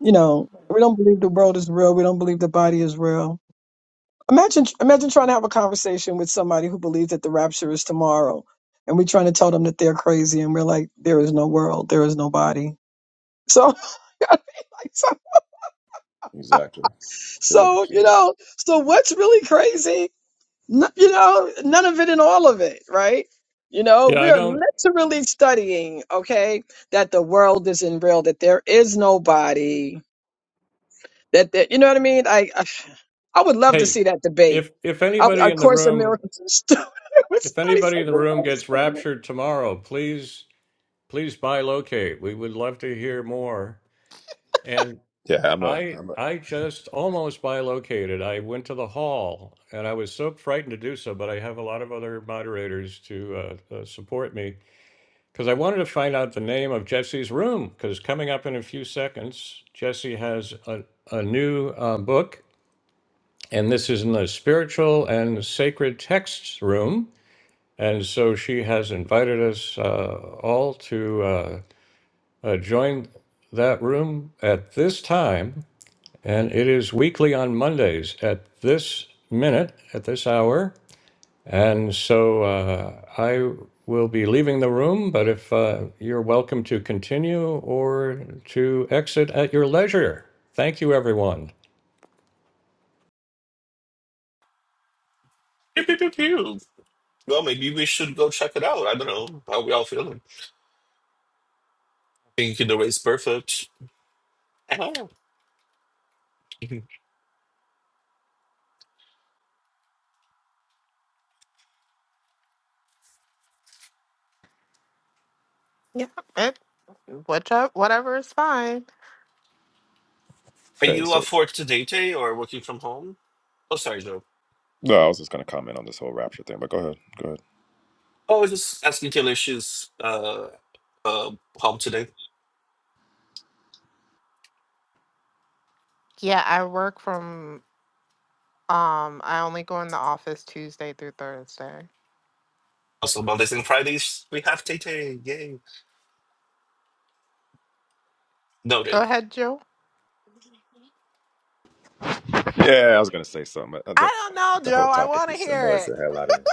you know we don't believe the world is real we don't believe the body is real Imagine, imagine trying to have a conversation with somebody who believes that the rapture is tomorrow, and we're trying to tell them that they're crazy, and we're like, there is no world, there is no body. So, so, Exactly. Good look so, at you you. know, so what's really crazy? N- you know, none of it and all of it, right? You know, yeah. we I are don't. literally studying, okay, that the world isn't real, that there is no body, that, that you know what I mean? I, I, I would love to Hey, see that debate if if Of anybody a in the Course in room, Miracles. when if somebody anybody said in the the word, room I just gets thought of one raptured tomorrow, please please buy locate. We would love to hear more. And Yeah, I'm a. I I'm a. I just almost buy located. I went to the hall, and I was so frightened to do so, but I have a lot of other moderators to uh, uh, support me because I wanted to find out the name of Jesse's room. Because coming up in a few seconds, Jesse has a, a new uh, book, and this is in the spiritual and sacred texts room. And so she has invited us uh, all to uh, uh, join that room at this time. And it is weekly on Mondays at this minute, at this hour. And so uh, I will be leaving the room, but if uh, you're welcome to continue or to exit at your leisure. Thank you, everyone. Pew, pew, pew, pew. Well, maybe we should go check it out. I don't know how we all feeling. Think the race perfect. Ah. Yeah, it, whichever, whatever is fine. Are Hey, you so off work today, Tay, or working from home? Oh, sorry, no. no, I was just gonna comment on this whole rapture thing, but go ahead. Go ahead. Oh, I was just asking Taylor if she's uh, uh, home today. Yeah, I work from. Um, I only go in the office Tuesday through Thursday. Also, Mondays and Fridays, we have Tay Tay. Yay. Go Noted. ahead, Joe. Yeah, I was gonna say something. but uh, The, I don't know, the whole Joe. I topic want to just hear annoys it. the hell out of me.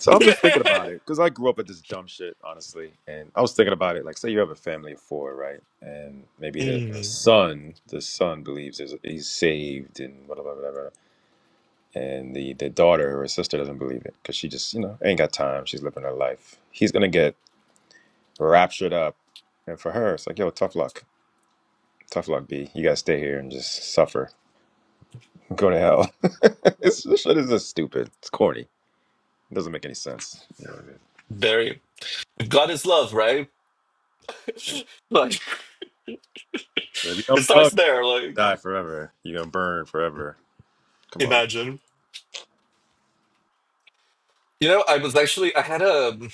So I'm just thinking about it because I grew up with this dumb shit, honestly. And I was thinking about it. Like, say you have a family of four, right? And maybe the, the Mm. son, the son believes is- he's saved and whatever, whatever. and the the daughter or sister doesn't believe it because she just you know ain't got time she's living her life he's gonna get raptured up. And for her, it's like, yo, tough luck. Tough luck, B. You gotta stay here and just suffer. Go to hell. it's, this shit is just stupid. It's corny. It doesn't make any sense. You know what I mean? Very. God is love, right? Like, If you it don't starts love, there. Like, you die forever. You're gonna burn forever. Come on. imagine. You know, I was actually, I had a, an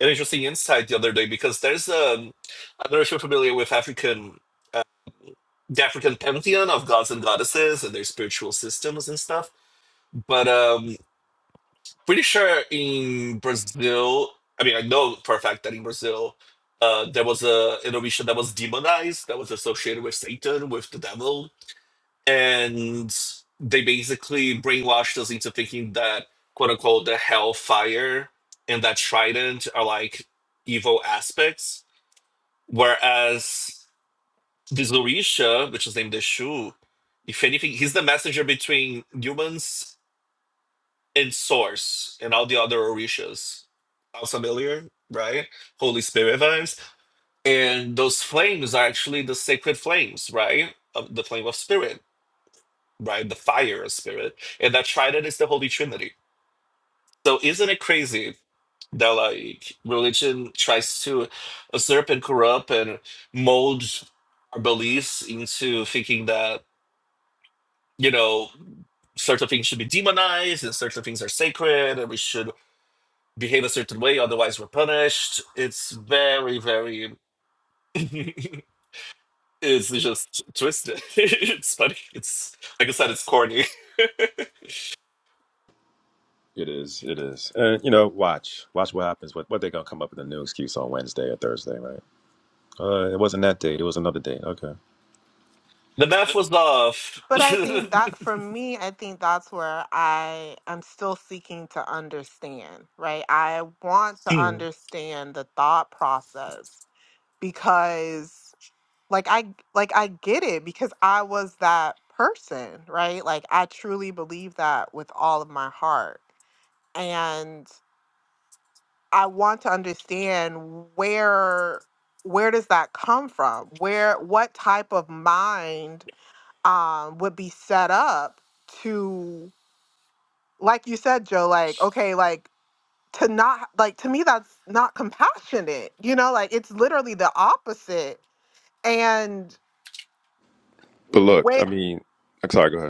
interesting insight the other day because there's um I don't know if you're familiar with African, uh, the African pantheon of gods and goddesses and their spiritual systems and stuff. But um pretty sure in Brazil, I mean, I know for a fact that in Brazil, uh, there was a innovation that was demonized, that was associated with Satan, with the devil, and they basically brainwashed us into thinking that "quote unquote" the hellfire and that trident are like evil aspects, whereas this Orisha, which is named the Shu, if anything, he's the messenger between humans in Source and all the other Orishas. Sounds familiar, right? Holy Spirit vibes. And those flames are actually the sacred flames, right? Of the flame of spirit, right? The fire of spirit. And that trident is the Holy Trinity. So isn't it crazy that like religion tries to usurp and corrupt and mold our beliefs into thinking that, you know, certain things should be demonized and certain things are sacred and we should behave a certain way, otherwise we're punished. It's very, very. it's just twisted. it's funny. It's like I said, it's corny. It is. It is. And you know, watch. Watch what happens. What what they're gonna come up with a new excuse on Wednesday or Thursday, right? Uh, it wasn't that date. It was another date. Okay. The math was off. But I think that for me, I think that's where I am still seeking to understand, right? I want to Mm. understand the thought process because like I like I get it because I was that person, right? Like I truly believe that with all of my heart. And I want to understand where where does that come from? Where what type of mind um would be set up? to like you said, Joe, like, okay, like to not like to me that's not compassionate. You know, like it's literally the opposite. And But look, wait I mean, I'm sorry. Go ahead.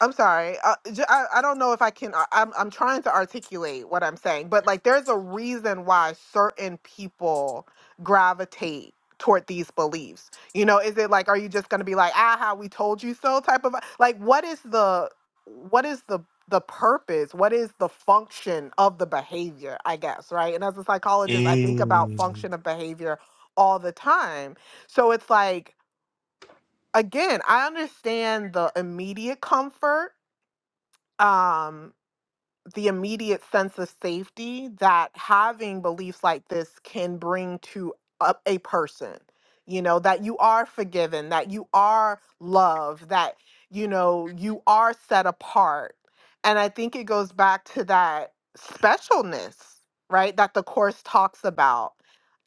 I'm sorry. Uh, j- I, I don't know if I can. I- I'm I'm trying to articulate what I'm saying, but like, there's a reason why certain people gravitate toward these beliefs. You know, is it like, are you just going to be like, ah, how we told you so? Type of like, what is the what is the the purpose? What is the function of the behavior? I guess right. And as a psychologist, I think about Mm. function of behavior all the time. So it's like, again, I understand the immediate comfort um, the immediate sense of safety that having beliefs like this can bring to a, a person. You know, that you are forgiven, that you are loved, that, you know, you are set apart. And I think it goes back to that specialness, right? That the Course talks about,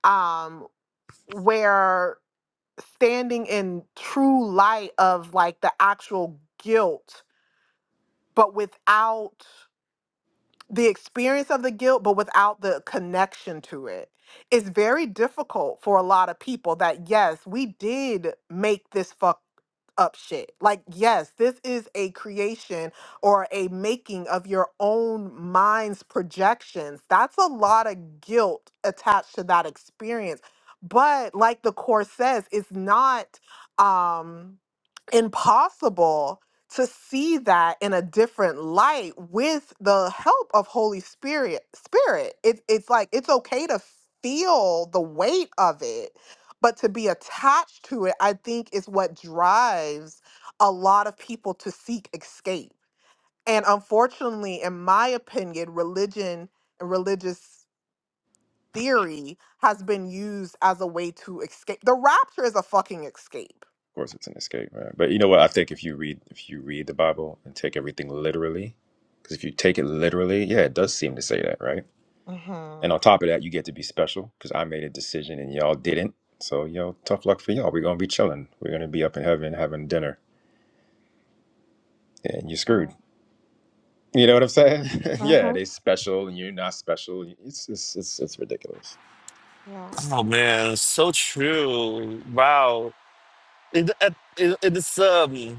um, where standing in true light of like the actual guilt, but without the experience of the guilt, but without the connection to it. It's very difficult for a lot of people that, yes, we did make this fuck up shit. Like, yes, this is a creation or a making of your own mind's projections. That's a lot of guilt attached to that experience. But like the course says, it's not um impossible to see that in a different light with the help of holy spirit spirit it, it's like it's okay to feel the weight of it but to be attached to it i think is what drives a lot of people to seek escape and unfortunately in my opinion religion and religious theory has been used as a way to escape the rapture is a fucking escape Of course it's an escape right? but you know what i think if you read if you read the bible and take everything literally because if you take it literally yeah it does seem to say that right hmm and on top of that you get to be special because i made a decision and y'all didn't so yo tough luck for y'all we're gonna be chilling we're gonna be up in heaven having dinner and you're screwed you know what i'm saying yeah hmm they special and you're not special it's it's it's, it's ridiculous yeah Oh man, so true. Wow. It, it, it, it's um.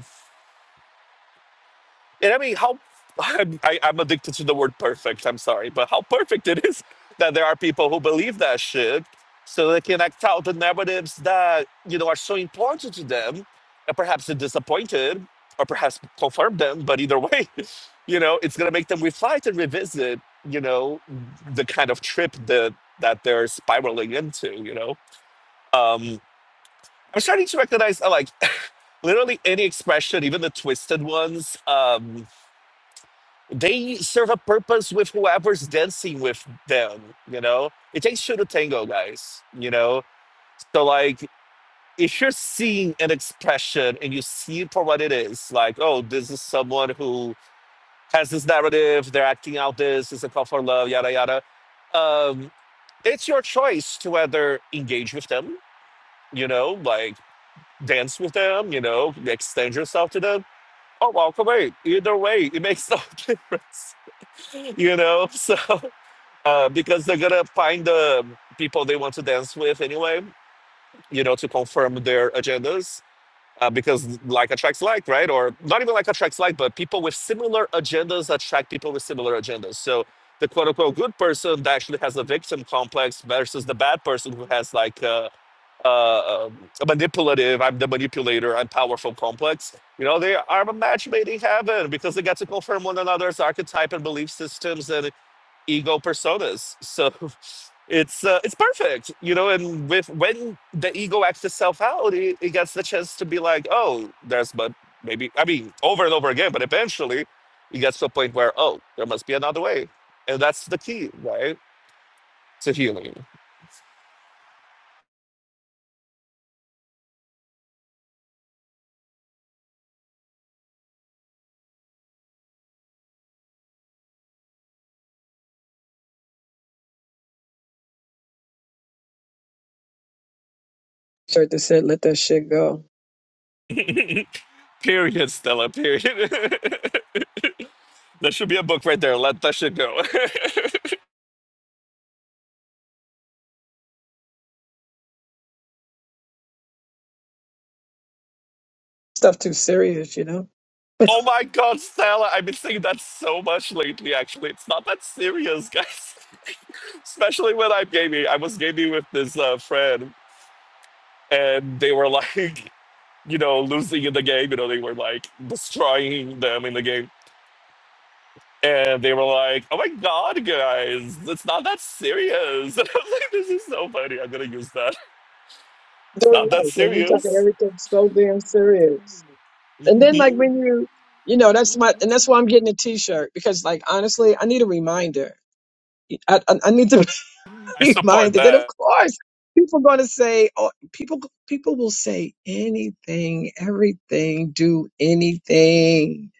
And I mean, how I'm, I, I'm addicted to the word perfect. I'm sorry, but how perfect it is that there are people who believe that shit, so they can act out the narratives that you know are so important to them, and perhaps they're disappointed, or perhaps confirm them. But either way, you know, it's gonna make them reflect and revisit, you know, the kind of trip that that they're spiraling into. You know, um, I'm starting to recognize, uh, like, literally any expression, even the twisted ones. Um, they serve a purpose with whoever's dancing with them, you know? It takes two to tango, guys, you know? So, like, if you're seeing an expression and you see it for what it is, like, oh, this is someone who has this narrative, they're acting out this, it's a call for love, yada, yada. Um, it's your choice to whether engage with them, you know, like dance with them, you know, extend yourself to them, or walk away. Either way, it makes no difference, you know? So. uh, because they're gonna find the people they want to dance with anyway, you know, to confirm their agendas. Uh, because like attracts like, right? Or not even like attracts like, but people with similar agendas attract people with similar agendas. So the quote unquote good person that actually has a victim complex versus the bad person who has like a, a, a manipulative, I'm the manipulator, I'm powerful complex. You know, they are a match made in heaven because they get to confirm one another's archetype and belief systems and ego personas. So it's uh, it's perfect, you know. And with when the ego acts itself out, it, it gets the chance to be like, oh, there's but maybe I mean over and over again, but eventually it gets to a point where oh, there must be another way, and that's the key, right, to healing. shirt that said, "Let that shit go." period, Stella. Period. that should be a book right there. Let that shit go. Stuff too serious, you know. Oh my god, Stella, I've been saying that so much lately, actually. It's not that serious, guys. Especially when I'm gaming. I was gaming with this uh, friend, and they Doing were like, you know, losing in the game. You know, they were like destroying them in the game. And they were like, oh my god, guys, it's not that serious. And I was like, this is so funny. I'm going to use that. It's not that life, and we taking serious. everything so damn serious. And then, like Mhm. when you, you know, that's my, and that's why I'm getting a T-shirt because, like, honestly, I need a reminder. I, I, I need to. I support reminded that of that. course people going to say oh people people will say anything everything do anything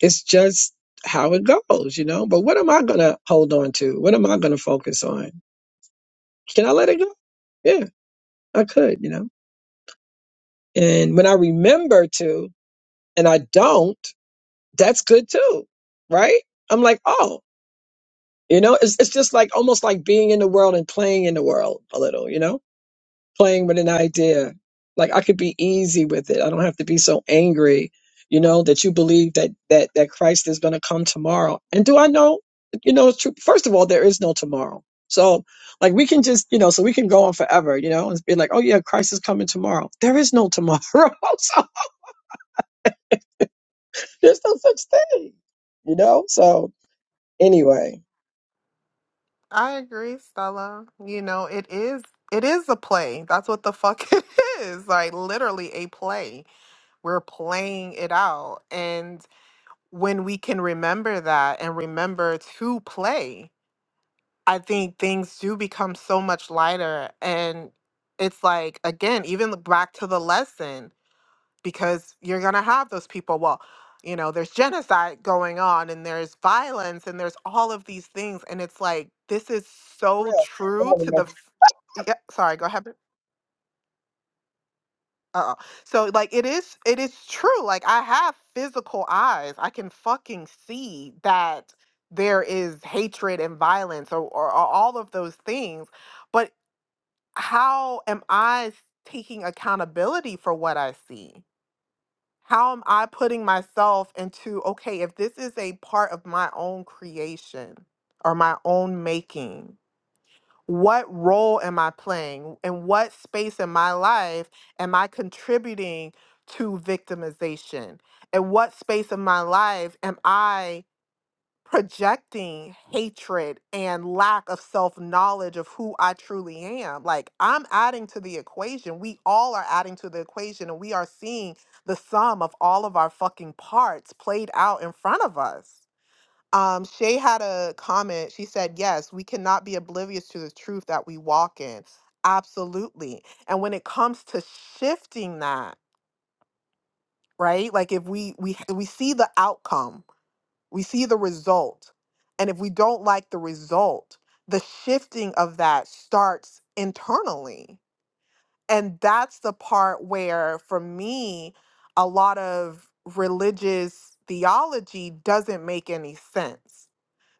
it's just how it goes you know but what am i going to hold on to what am i going to focus on can i let it go yeah i could you know and when i remember to and i don't that's good too right i'm like oh you know it's, it's just like almost like being in the world and playing in the world a little you know playing with an idea. Like I could be easy with it. I don't have to be so angry, you know, that you believe that that that Christ is going to come tomorrow. And do I know, you know, it's true. First of all, there is no tomorrow. So like we can just, you know, so we can go on forever, you know, and be like, oh yeah, Christ is coming tomorrow. There is no tomorrow. so there's no such thing, you know. So anyway, I agree, Stella. You know, it is it is a play. That's what the fuck it is. Like literally a play. We're playing it out. And when we can remember that and remember to play, I think things do become so much lighter and it's like again, even back to the lesson because you're going to have those people. Well, you know, there's genocide going on and there's violence and there's all of these things. And it's like, this is for so real. true to the. f- Yeah, sorry, go ahead. Uh-oh. So like it is it is true. Like I have physical eyes. I can fucking see that there is hatred and violence or, or, or all of those things. But how am I taking accountability for what I see? how am I putting myself into, okay, if this is a part of my own creation or my own making, what role am I playing? And what space in my life am I contributing to victimization? And what space of my life am I? projecting hatred and lack of self knowledge of who I truly am. Like, I'm adding to the equation. We all are adding to the equation, and we are seeing the sum of all of our fucking parts played out in front of us. Um, Shay had a comment. She said, Yes, we cannot be oblivious to the truth that we walk in. Absolutely. And when it comes to shifting that, right? Like if we we we see the outcome we see the result. And if we don't like the result, the shifting of that starts internally. And that's the part where, for me, a lot of religious theology doesn't make any sense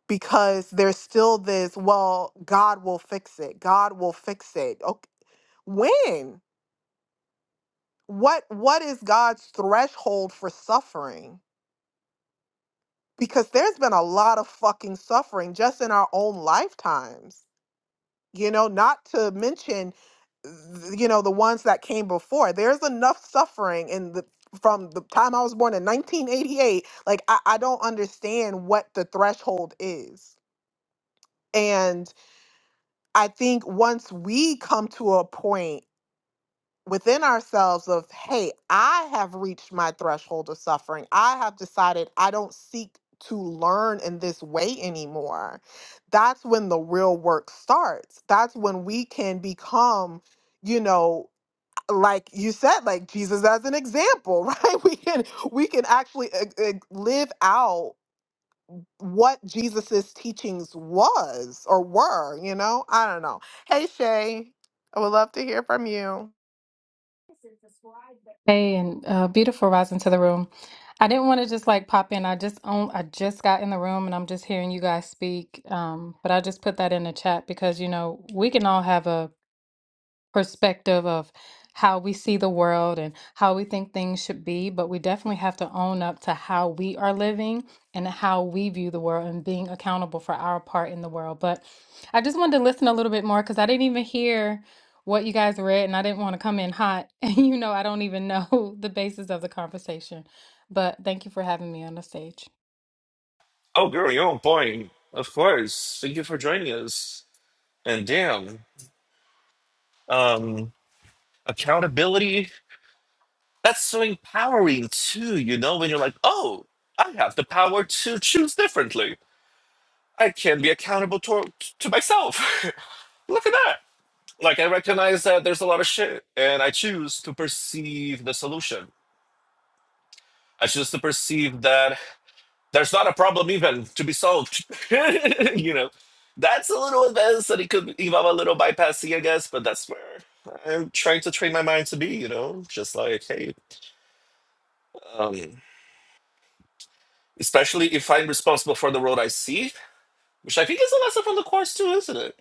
because there's still this, well, God will fix it. God will fix it. Okay. When? What what is God's threshold for suffering? because there's been a lot of fucking suffering just in our own lifetimes you know not to mention th- you know the ones that came before there's enough suffering in the from the time i was born in 1988 like i, I don't understand what the threshold is and i think once we come to a point within ourselves of hey i have reached my threshold of suffering i have decided i don't seek to learn in this way anymore that's when the real work starts that's when we can become you know like you said like jesus as an example right we can we can actually uh, uh, live out what jesus's teachings was or were you know i don't know hey shay i would love to hear from you Hey, and uh, beautiful rising to the room. I didn't want to just like pop in. I just own, I just got in the room and I'm just hearing you guys speak. Um, but I just put that in the chat because you know we can all have a perspective of how we see the world and how we think things should be, but we definitely have to own up to how we are living and how we view the world and being accountable for our part in the world. But I just wanted to listen a little bit more because I didn't even hear what you guys read and I didn't want to come in hot. And you know, I don't even know the basis of the conversation. But thank you for having me on the stage. Oh, girl, you're on point. Of course. Thank you for joining us. And damn. um accountability that's so empowering too you know when you're like oh i have the power to choose differently i can be accountable to, to myself look at that like i recognize that there's a lot of shit and i choose to perceive the solution i choose to perceive that there's not a problem even to be solved you know that's a little advanced and it could involve a little bypassing i guess but that's where i'm trying to train my mind to be you know just like hey um especially if I'm responsible for the road I see, which I think is a lesson from the course too, isn't it?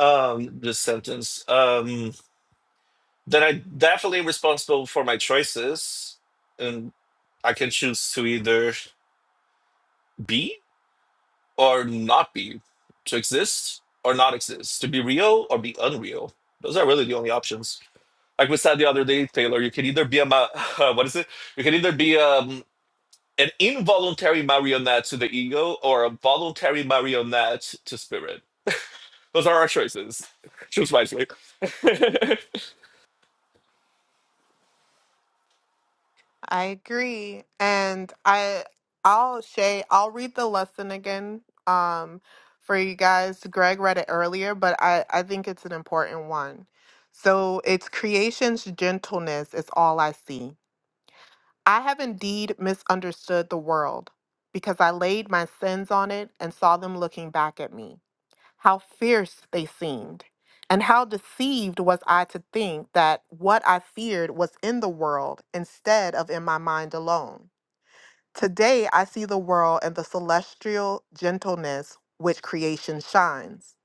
Um, this sentence. Um, then I definitely am responsible for my choices, and I can choose to either be or not be, to exist or not exist, to be real or be unreal. Those are really the only options. Like we said the other day, Taylor, you can either be a ma- what is it? You can either be um, an involuntary marionette to the ego or a voluntary marionette to spirit Those are our choices. Choose wisely. I agree. And I I'll say I'll read the lesson again um for you guys. Greg read it earlier, but I, I think it's an important one. So it's creation's gentleness is all I see. I have indeed misunderstood the world because I laid my sins on it and saw them looking back at me. How fierce they seemed. And how deceived was I to think that what I feared was in the world instead of in my mind alone? Today I see the world and the celestial gentleness which creation shines.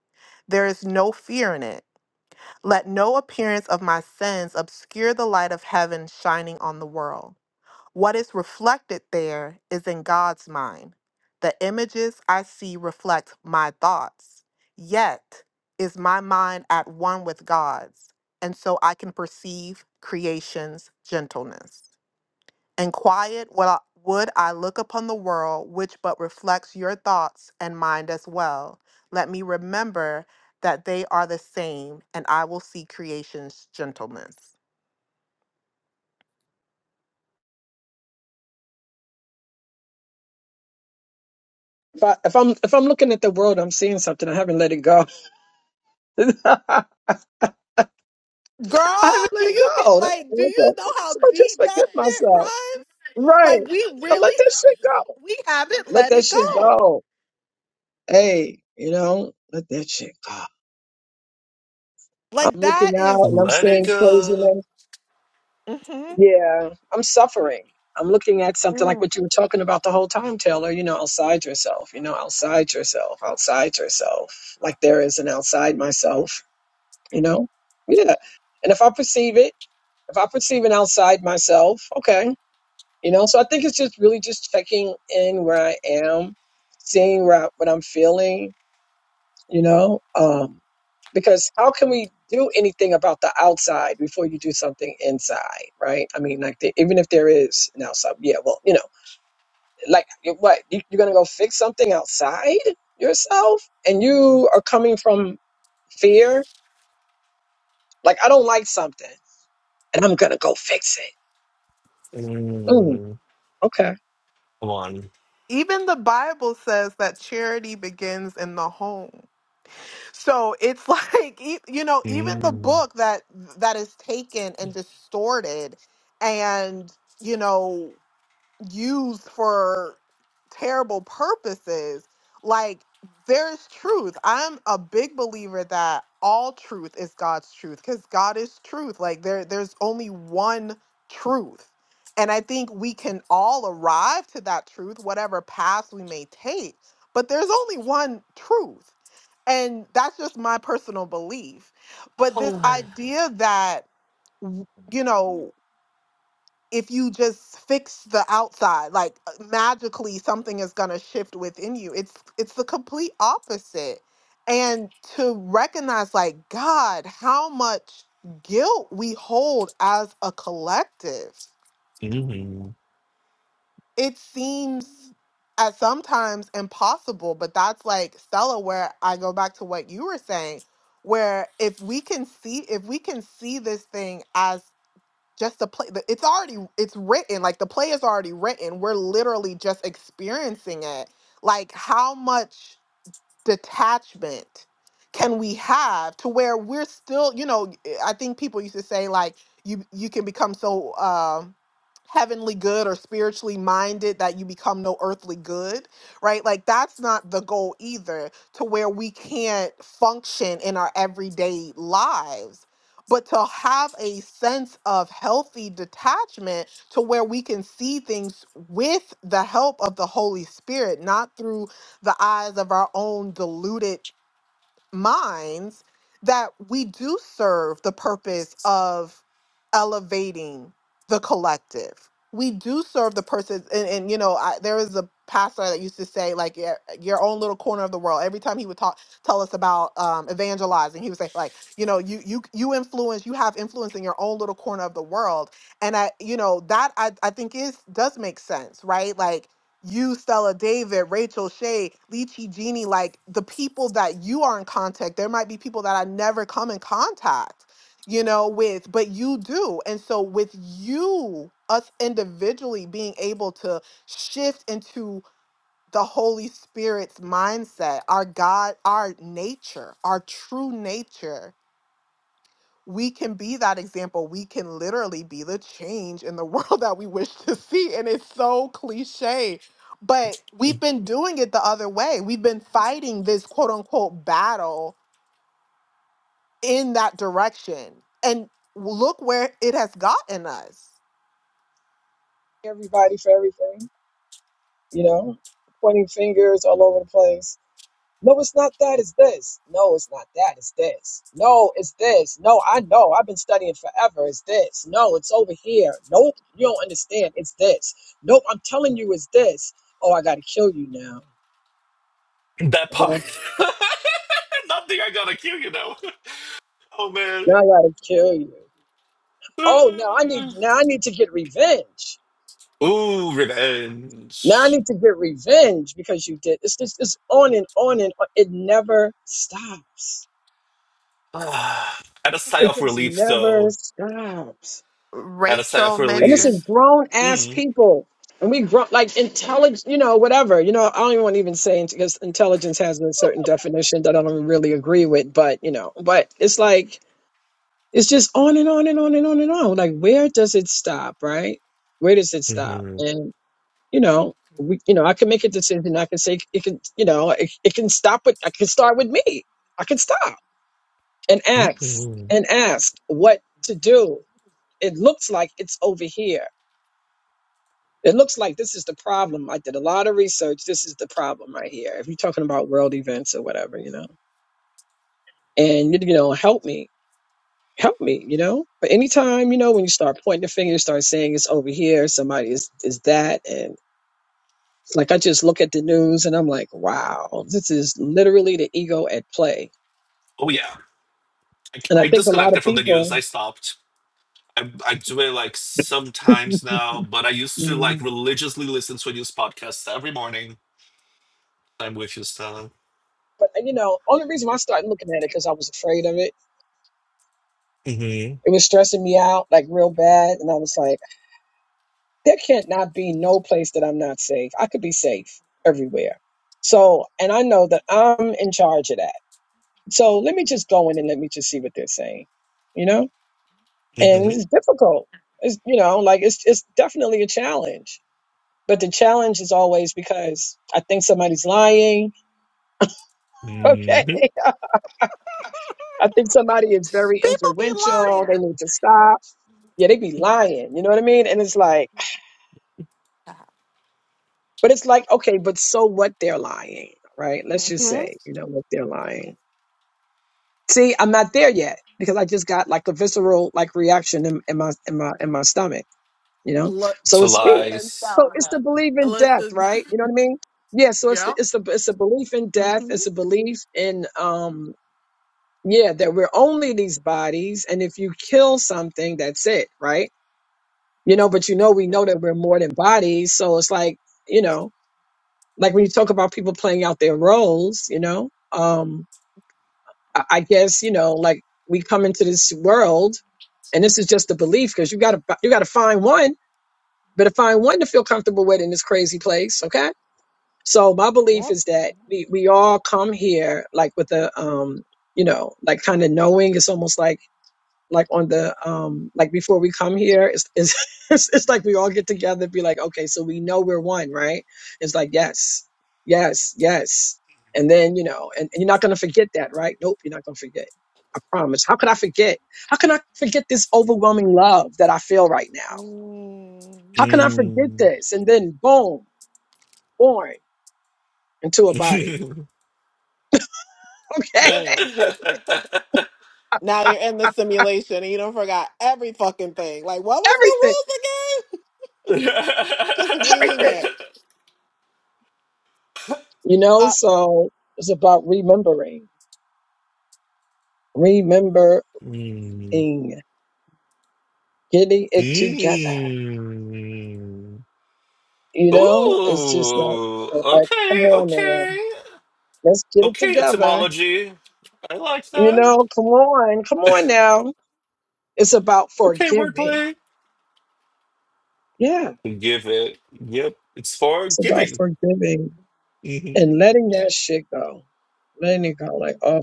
There is no fear in it. Let no appearance of my sins obscure the light of heaven shining on the world. What is reflected there is in God's mind. The images I see reflect my thoughts. Yet is my mind at one with God's, and so I can perceive creation's gentleness and quiet would I, would I look upon the world, which but reflects your thoughts and mind as well. Let me remember that they are the same, and I will see creation's gentleness. If, I, if I'm if I'm looking at the world, I'm seeing something. I haven't let it go. I Girl, haven't do let it you get go. That's like, do what I you go. know how So I just deep that forgive shit myself. runs? Right. Like, we So really, let that shit go. we haven't Let let that it shit go. go. Hey, you know, let that shit go. I'm Like, that looking out and is- I'm Let it seeing go. craziness. mhm. Yeah, I'm suffering. I'm looking at something like what you were talking about the whole time, Taylor, you know, outside yourself, you know, outside yourself, outside yourself. Like there is an outside myself, you know? Yeah. And if I perceive it, if I perceive an outside myself, okay, you know so i think it's just really just checking in where i am seeing where I, what i'm feeling you know um because how can we do anything about the outside before you do something inside right i mean like the, even if there is an outside yeah well you know like you- what you, you're gonna go fix something outside yourself and you are coming from fear like i don't like something and i'm gonna go fix it Mm, Mm, okay come on. even the Bible says that charity begins in the home. So it's like e- you know, even the Mm. book that that is taken and distorted and you know used for terrible purposes. Like there is truth. I'm a big believer that all truth is God's truth cuz God is truth. Like there there's only one truth. And I think we can all arrive to that truth whatever path we may take, but there's only one truth. And that's just my personal belief. But this Oh. idea that w- you know if you just fix the outside like uh, magically something is going to shift within you it's it's the complete opposite and to recognize like god how much guilt we hold as a collective Mm. it seems at sometimes impossible but that's like stella where i go back to what you were saying where if we can see if we can see this thing as just the play the- it's already it's written like the play is already written we're literally just experiencing it like how much detachment can we have to where we're still you know i think people used to say like you you can become so um heavenly good or spiritually minded that you become no earthly good right like that's not the goal either to where we can't function in our everyday lives but to have a sense of healthy detachment to where we can see things with the help of the holy spirit not through the eyes of our own deluded minds that we do serve the purpose of elevating the collective. We do serve the person, and, and you know, I, there was a pastor that used to say, like, your, your own little corner of the world. Every time he would talk, tell us about um, evangelizing, he would say, like, you know, you you you influence, you have influence in your own little corner of the world, and I, you know, that I I think is does make sense, right? Like, you, Stella David, Rachel Shay, Lychee Genie, like the people that you are in contact, there might be people that I never come in contact, you know, with, but you do. And so with you, us individually being able to shift into the Holy Spirit's mindset, our God, our nature, our true nature, we can be that example. We can literally be the change in the world that we wish to see. And it's so cliche, but we've been doing it the other way. We've been fighting this quote unquote battle in that direction. And look where it has gotten us. everybody for everything you know, pointing fingers all over the place. No, it's not that, it's this. No, it's not that, it's this. No, it's this. No, I know, I've been studying forever, it's this. No, it's over here. Nope, you don't understand, it's this. Nope, I'm telling you, it's this. Oh, I gotta kill you now. That part. Okay? Nothing I gotta kill you now. Oh Now man. I gotta kill you. Oh, now I need now I need to get revenge. Ooh, Now I revenge. need to get revenge because you did. It's just it's on and on and on. It never stops. Ah, and a sigh It of just relief, never though. stops. And a sigh Rachel of And this is mentioned, relief. grown ass Mm. people. And we grow like intelligent, you know, whatever. You know, I don't even want to even say it because intelligence has a certain definition that I don't really agree with, but you know, but it's like it's just on and on and on and on and on. Like where does it stop, right? Where does it stop? Mm-hmm. And you know, we you know, I can make a decision. I can say it can, you know, it, it can stop with I can start with me. I can stop and ask Mm-hmm. and ask what to do. It looks like it's over here It looks like this is the problem. I did a lot of research. This is the problem right here. If you're talking about world events or whatever, you know, and you know, help me, help me, you know. But anytime, you know, when you start pointing the finger, you start saying it's over here, somebody is is that, and it's like I just look at the news and I'm like, wow, this is literally the ego at play. Oh yeah. I, And I I think a lot disconnected of from the news. people, I stopped. I, I do it like sometimes now, but I used to like Mhm. religiously listen to a news podcast every morning. I'm with you, Stella. but you know, only reason why I started looking at it because I was afraid of it. hmm It was stressing me out like real bad, and I was like. there can't not be no place that I'm not safe. I could be safe everywhere. So, and I know that I'm in charge of that. So let me just go in and let me just see what they're saying, you know? hmm And it's difficult. It's, you know, like it's, it's definitely a challenge. But the challenge is always because I think somebody's lying. Okay. hmm I think somebody is very don't be influential. They lying. need to stop. Yeah, they be lying. You know what I mean? And it's like, But it's like, okay, but so what they're lying, right? Let's just Mm-hmm. say, you know, what they're lying. See, I'm not there yet because I just got like a visceral like reaction in, in my in my in my stomach, you know? Look, So To it's fear. listen, lies. So shower it's the up. belief in death, Listen, right? You know what I mean? Yeah, so it's the yeah. it's the it's a belief in death, Mm-hmm. it's a belief in um yeah, that we're only these bodies and if you kill something, that's it, right? You know, but you know we Yep. know that we're more than bodies, so it's like, you know, like when you talk about people playing out their roles, you know, um, I, I guess you know, like we come into this world, and this is just a belief because you gotta you gotta find one, better find one to feel comfortable with in this crazy place, okay? So my Yep. belief is that we we all come here like with a um, you know, like kind of knowing. It's almost like like on the um like before we come here it's it's it's, it's like we all get together and be like okay so we know we're one right it's like yes yes yes and then you know and, and you're not going to forget that right nope you're not going to forget i promise how could i forget how can i forget this overwhelming love that i feel right now Mm. how can i forget Mm. this and then boom born into a body okay Bam. Now you're in the simulation and you don't forgot every fucking thing. Like, what was the everything rules again? Just winging everything it. you know Uh, so it's about remembering remembering Mm. getting it together. Mm. You know, it's just like, Ooh, like come okay, on now, okay, let's get it okay, together. etymology. I like You that. know, come on, come on now. It's about Okay, forgiving. wordplay. Yeah, give it. Yep, it's for it's about giving. forgiving hmm and letting that shit go, letting it go. Like, oh,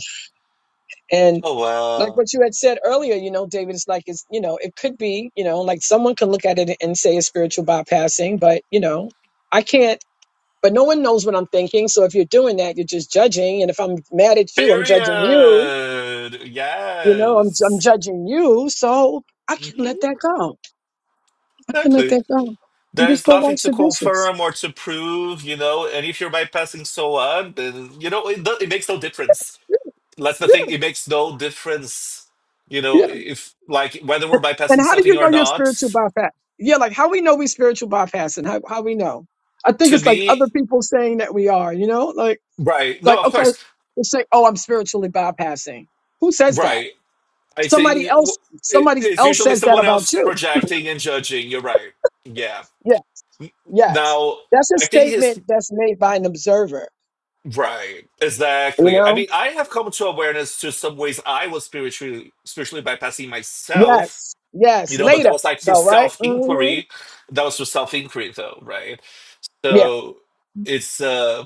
and Oh like wow! what you had said earlier, you know, David, it's like it's you know, it could be, you know, like someone can look at it and say it's spiritual bypassing, but you know, I can't. But no one knows what I'm thinking. So if you're doing that, you're just judging. And if I'm mad at you, I'm Period. judging you. You know, I'm I'm Yes. judging you. So I can hmm let that go. I can let Exactly. that go and There just is go nothing wash to the dishes. confirm or to prove, you know. And if you're bypassing so on, then you know it. do- It makes no difference. That's the Yeah, thing. It makes no difference, you know, yeah. if like whether we're And bypassing how do you something or know you're not. spiritual bypass? Yeah, like how we know we spiritual bypassing? How how we know? I think To it's like me, other people saying that we are. You know, like right? No, like of okay, course, let's say, oh, I'm spiritually bypassing. Who says that? right. I Somebody think w- else. it- Somebody it's else usually says that someone about else you. projecting and judging. You're right. Yeah. Yes. Now, That's a I think it's statement that's made by an observer, right. you Exactly. I know? mean, I have come to awareness to some ways I was spiritually spiritually bypassing myself. Yes. You Yes. know, but that Later, was like through though, right? self hmm inquiry. That was through self inquiry, though, right? Yeah. So it's uh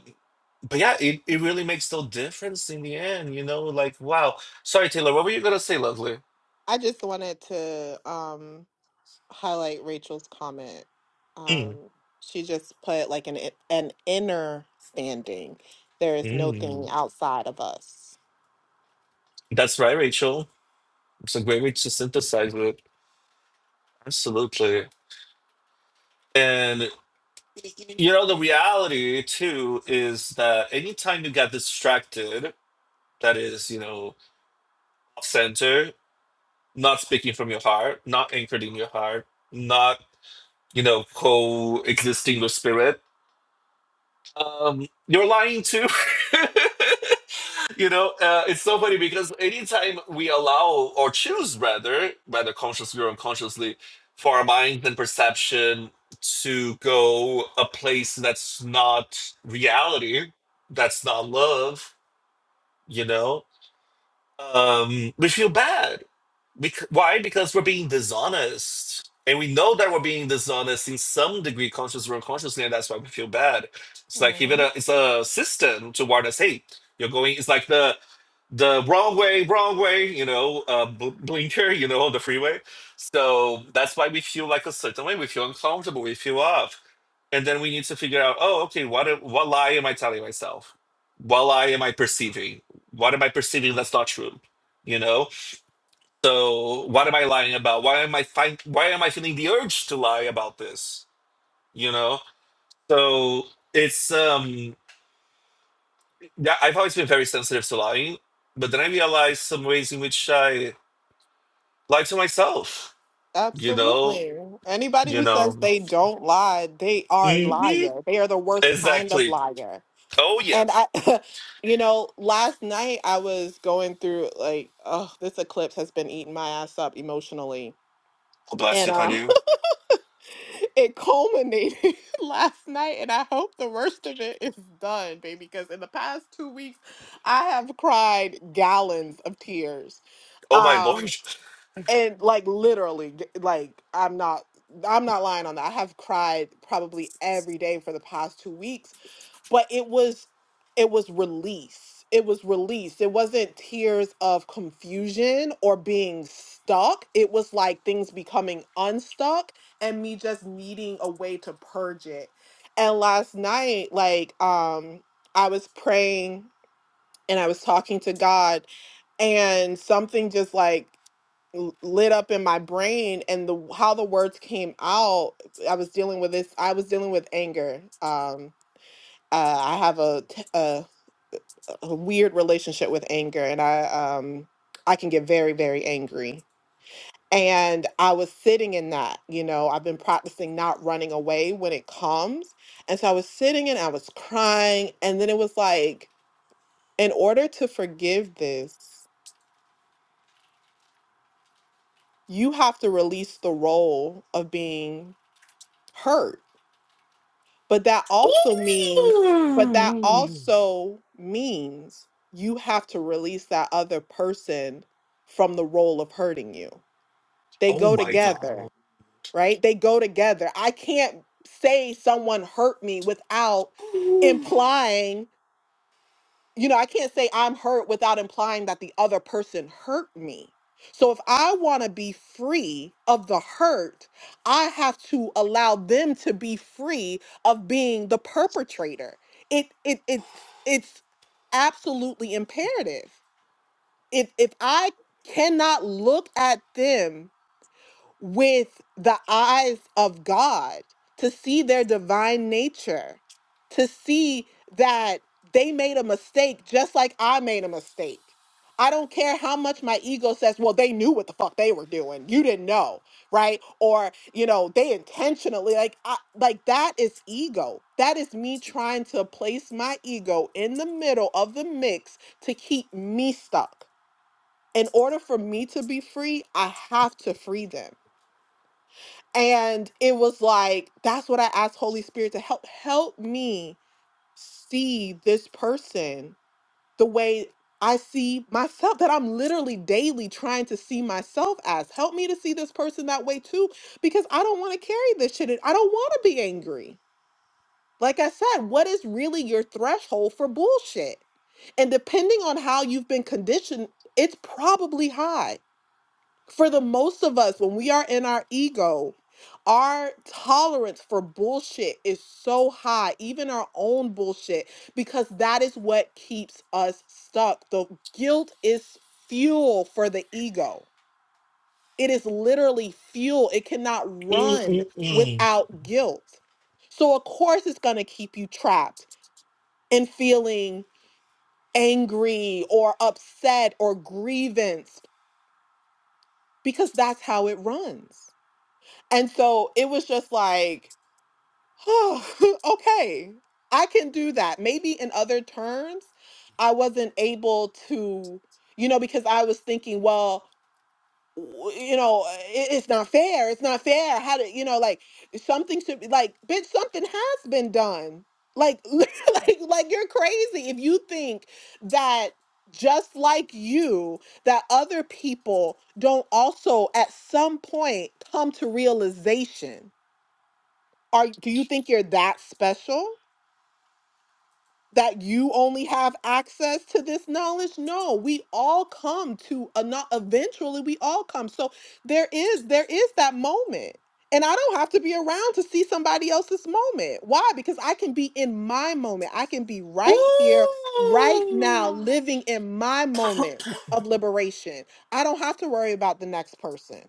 but yeah it, it really makes no difference in the end you know like wow sorry taylor what were you gonna say lovely I just wanted to um, highlight Rachel's comment. Mm, Um, she just put like an an inner standing. There is no thing mm. outside of us. that's right rachel It's a great way to synthesize it. Absolutely. And you know, the reality too is that anytime you get distracted, that is, you know, off center, not speaking from your heart, not anchored in your heart, not, you know, coexisting with spirit, um, you're lying too. You know, uh, it's so funny because anytime we allow or choose, rather, rather consciously or unconsciously, for our mind and perception to go a place that's not reality, that's not love, you know, um, we feel bad. Bec- why? Because we're being dishonest. And we know that we're being dishonest in some degree, consciously or unconsciously, and that's why we feel bad. It's like hmm even a it's a system to warn us, hey, you're going it's like the the wrong way, wrong way, you know, uh, bl- blinker, you know, on the freeway. So that's why we feel like a certain way. We feel uncomfortable. We feel off, and then we need to figure out, oh, okay, what a- what lie am I telling myself? What lie am I perceiving? What am I perceiving that's not true? You know, so what am I lying about? Why am I find, why am I feeling the urge to lie about this? You know? So it's um yeah, I've always been very sensitive to lying, but then I realized some ways in which I lie to myself, you know, Absolutely. Anybody you who says know. they don't lie, they are a hmm liar. They are the worst kind of Exactly. liar. Oh yeah. And I, you know, last night I was going through like, oh, this eclipse has been eating my ass up emotionally. Oh, bless you, And upon uh, you. it culminated last night, and I hope the worst of it is done, baby, because in the past two weeks, I have cried gallons of tears. Oh my Um, lord. and like literally like i'm not i'm not lying on that i have cried probably every day for the past two weeks but it was it was release it was release it wasn't tears of confusion or being stuck it was like things becoming unstuck and me just needing a way to purge it and last night like um i was praying and i was talking to god and something just like l- lit up in my brain and the how the words came out i was dealing with this i was dealing with anger um uh, i have a, t- a a weird relationship with anger and i um i can get very very angry and i was sitting in that you know i've been practicing not running away when it comes and so i was sitting and i was crying and then it was like in order to forgive this you have to release the role of being hurt But that also means, but that Ooh. also means you have to release that other person from the role of hurting you. They Oh go my god. together, right? They go together. I can't say someone hurt me without implying you know, I can't say I'm hurt without implying that the other person hurt me. So if I want to be free of the hurt, I have to allow them to be free of being the perpetrator. It it it's it's absolutely imperative. If if I cannot look at them with the eyes of God to see their divine nature, to see that they made a mistake just like I made a mistake. I don't care how much my ego says, well, they knew what the fuck they were doing. You didn't know, right? Or, you know, they intentionally like I, like that is ego. That is me trying to place my ego in the middle of the mix to keep me stuck. In order for me to be free, I have to free them. And it was like, that's what I asked Holy Spirit to help help me see this person the way I see myself, that I'm literally daily trying to see myself as. Help me to see this person that way too, because I don't want to carry this shit. and I don't want to be angry. Like I said, what is really your threshold for bullshit? And depending on how you've been conditioned, it's probably high for the most of us, when we are in our ego, our tolerance for bullshit is so high, even our own bullshit, because that is what keeps us stuck. The guilt is fuel for the ego. It is literally fuel. It cannot run Mm-mm-mm. without guilt. So, of course, it's going to keep you trapped in feeling angry or upset or grievance because that's how it runs. And so it was just like, oh, okay, I can do that. Maybe in other terms, I wasn't able to, you know, because I was thinking, well, w- you know, uh, it, it's not fair. It's not fair. How do you know, like something should be like, bitch, something has been done. Like, like, like you're crazy if you think that just like you, that other people don't also at some point come to realization are do you think you're that special that you only have access to this knowledge no we all come to a not eventually we all come so there is there is that moment and i don't have to be around to see somebody else's moment why because i can be in my moment i can be right here right now Ooh. living in my moment of liberation i don't have to worry about the next person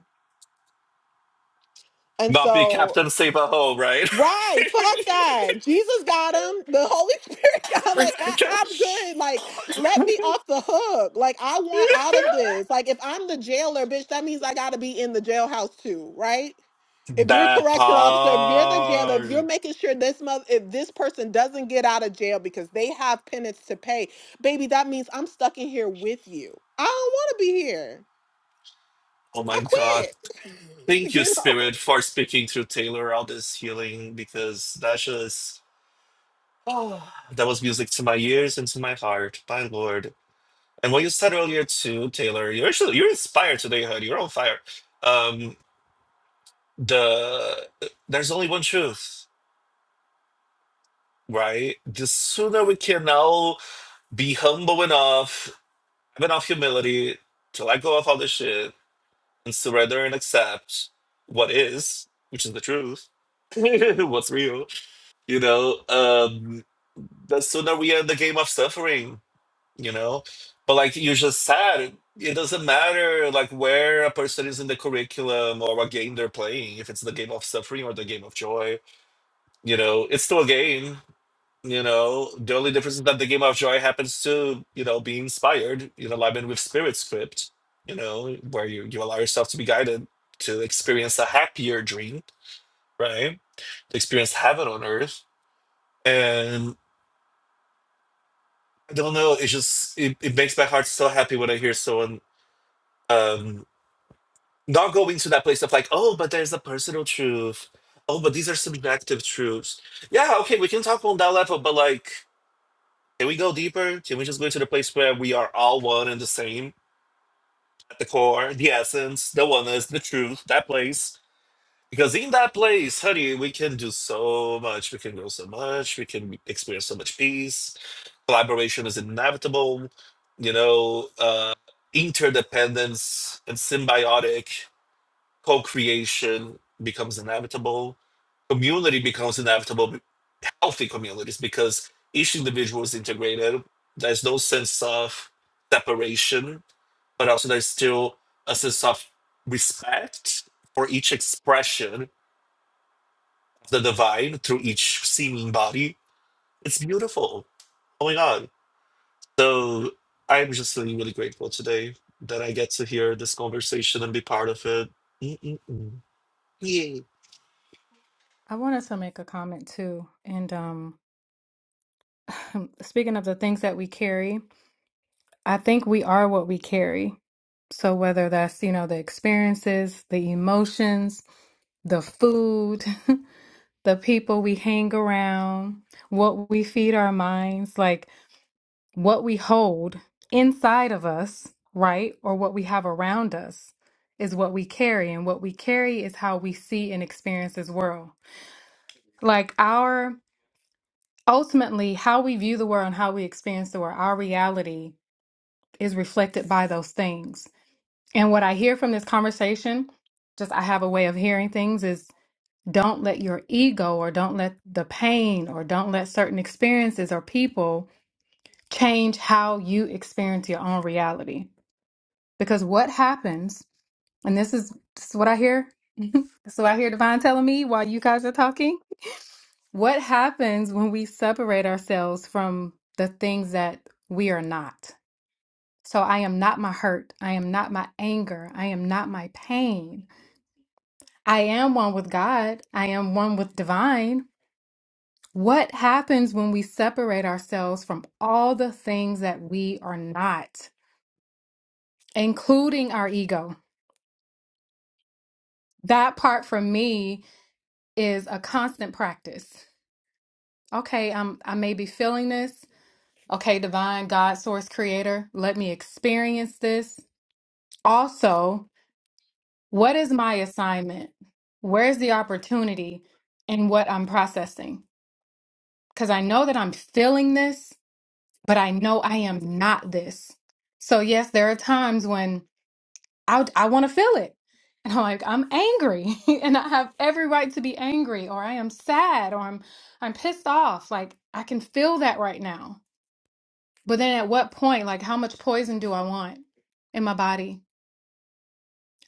and Not be so Captain Save a Ho, right? Right, fuck that. Jesus got him. The Holy Spirit got him. Like, I, I'm good. Like, let me off the hook. Like, I want out of this. Like, if I'm the jailer, bitch, that means I gotta be in the jailhouse too, right? If you're a that correction officer, if you're the jailer, if part. you're making sure this month, if this person doesn't get out of jail because they have penance to pay, baby, that means I'm stuck in here with you. I don't want to be here. Oh I my god. quit. Thank you, you know. Spirit, for speaking through Taylor all this healing because that just oh, that was music to my ears and to my heart. My lord. And what you said earlier too, Taylor, you're actually you're inspired today, Hood. You're on fire. Um the there's only one truth, right? The sooner we can now be humble enough have enough humility to let go of all this shit and surrender and accept what is, which is the truth, what's real, you know, um, the sooner we end the game of suffering, you know. But like you just said, it, it doesn't matter like where a person is in the curriculum or what game they're playing, if it's the game of suffering or the game of joy, you know, it's still a game you know, the only difference is that the Game of Joy happens to, you know, be inspired in alignment with Spirit Script, you know, where you, you allow yourself to be guided to experience a happier dream, right? To experience heaven on earth. And I don't know, it just it, it makes my heart so happy when I hear someone um not going to that place of like, oh, but there's a personal truth. Oh, but these are subjective truths. Yeah, okay, we can talk on that level, but like Can we go deeper? Can we just go into the place where we are all one and the same at the core, the essence, the oneness, the truth, that place? Because in that place, honey, we can do so much. We can grow so much. We can experience so much peace. Collaboration is inevitable. You know, uh, interdependence and symbiotic co creation becomes inevitable. Community becomes inevitable healthy communities because each individual is integrated. There's no sense of separation, but also there's still a sense of respect for each expression of the divine through each seeming body. It's beautiful. Oh my God. So I'm just really, really grateful today that I get to hear this conversation and be part of it. Mm-mm-mm. Yay. I wanted to make a comment too. And um, speaking of the things that we carry, I think we are what we carry. So whether that's, you know, the experiences, the emotions, the food, the people we hang around, what we feed our minds, like what we hold inside of us, right? Or what we have around us is what we carry. And what we carry is how we see and experience this world. Like our ultimately, how we view the world and how we experience the world, our reality is reflected by those things. And what I hear from this conversation, just I have a way of hearing things, is don't let your ego or don't let the pain or don't let certain experiences or people change how you experience your own reality. Because what happens, and this is, this is what I hear, this is what I hear Divine telling me while you guys are talking. What happens when we separate ourselves from the things that we are not? So I am not my hurt. I am not my anger. I am not my pain. I am one with God. I am one with divine. What happens when we separate ourselves from all the things that we are not, including our ego? That part for me is a constant practice. Okay, I'm I may be feeling this. Okay, divine God source creator, let me experience this. Also, what is my assignment? Where's the opportunity in what I'm processing? Cuz I know that I'm feeling this but I know I am not this. So yes, there are times when I I want to feel it. And I'm like, I'm angry and I have every right to be angry or I am sad or I'm I'm pissed off. Like I can feel that right now. But then at what point, like how much poison do I want in my body?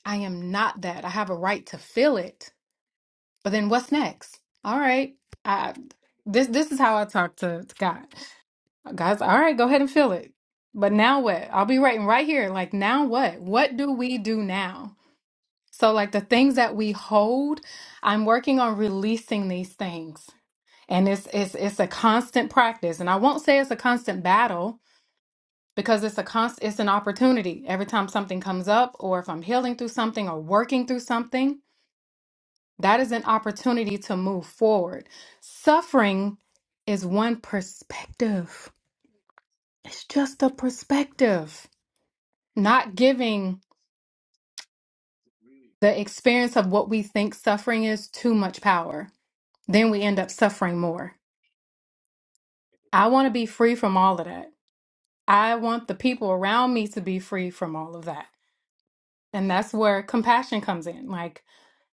I am not that. I have a right to feel it. But then what's next? All right. I this this is how I talk to, to God. Guys, all right, go ahead and fill it. But now what? I'll be writing right here. Like, now what? What do we do now? So, like, the things that we hold, I'm working on releasing these things. And it's it's it's a constant practice. And I won't say it's a constant battle because it's a constant it's an opportunity. Every time something comes up, or if I'm healing through something or working through something, that is an opportunity to move forward. Suffering is one perspective. It's just a perspective. not giving the experience of what we think suffering is too much power. Then we end up suffering more. I want to be free from all of that. I want the people around me to be free from all of that. And that's where compassion comes in. Like,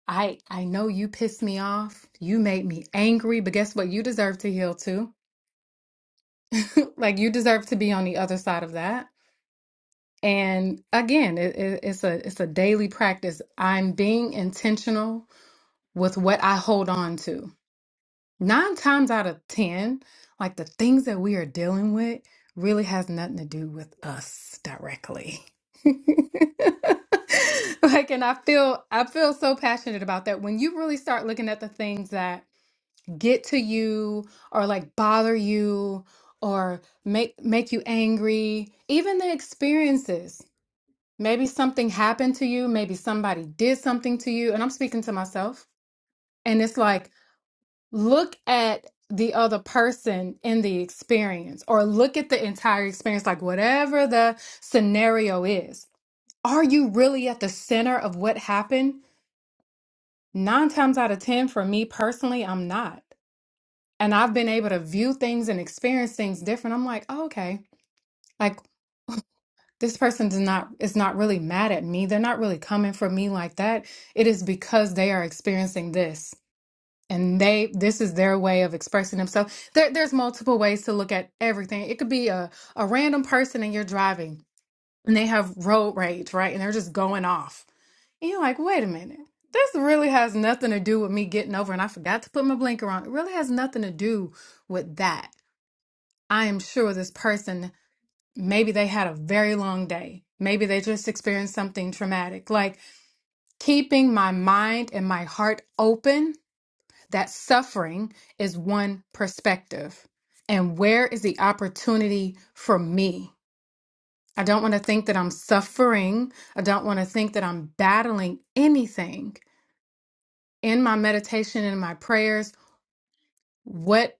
I I know you pissed me off. You made me angry, but guess what? You deserve to heal too. like you deserve to be on the other side of that. And again, it, it, it's a it's a daily practice. I'm being intentional with what I hold on to Nine times out of 10, like the things that we are dealing with really has nothing to do with us directly. Like, and I feel I feel so passionate about that. When you really start looking at the things that get to you or like bother you or make make you angry, even the experiences. Maybe something happened to you, maybe somebody did something to you, and I'm speaking to myself. And it's like look at the other person in the experience or look at the entire experience, like whatever the scenario is. Are you really at the center of what happened? Nine times out of 10, for me personally, I'm not. And I've been able to view things and experience things different. I'm like, oh, okay, like this person does not is not really mad at me. They're not really coming for me like that. It is because they are experiencing this. and they this is their way of expressing themselves there, there's multiple ways to look at everything it could be a, a random person and you're driving and they have road rage right and they're just going off and you're like wait a minute this really has nothing to do with me getting over and i forgot to put my blinker on it really has nothing to do with that i am sure this person maybe they had a very long day maybe they just experienced something traumatic like keeping my mind and my heart open that suffering is one perspective. And where is the opportunity for me? I don't want to think that I'm suffering. I don't want to think that I'm battling anything. In my meditation and my prayers, what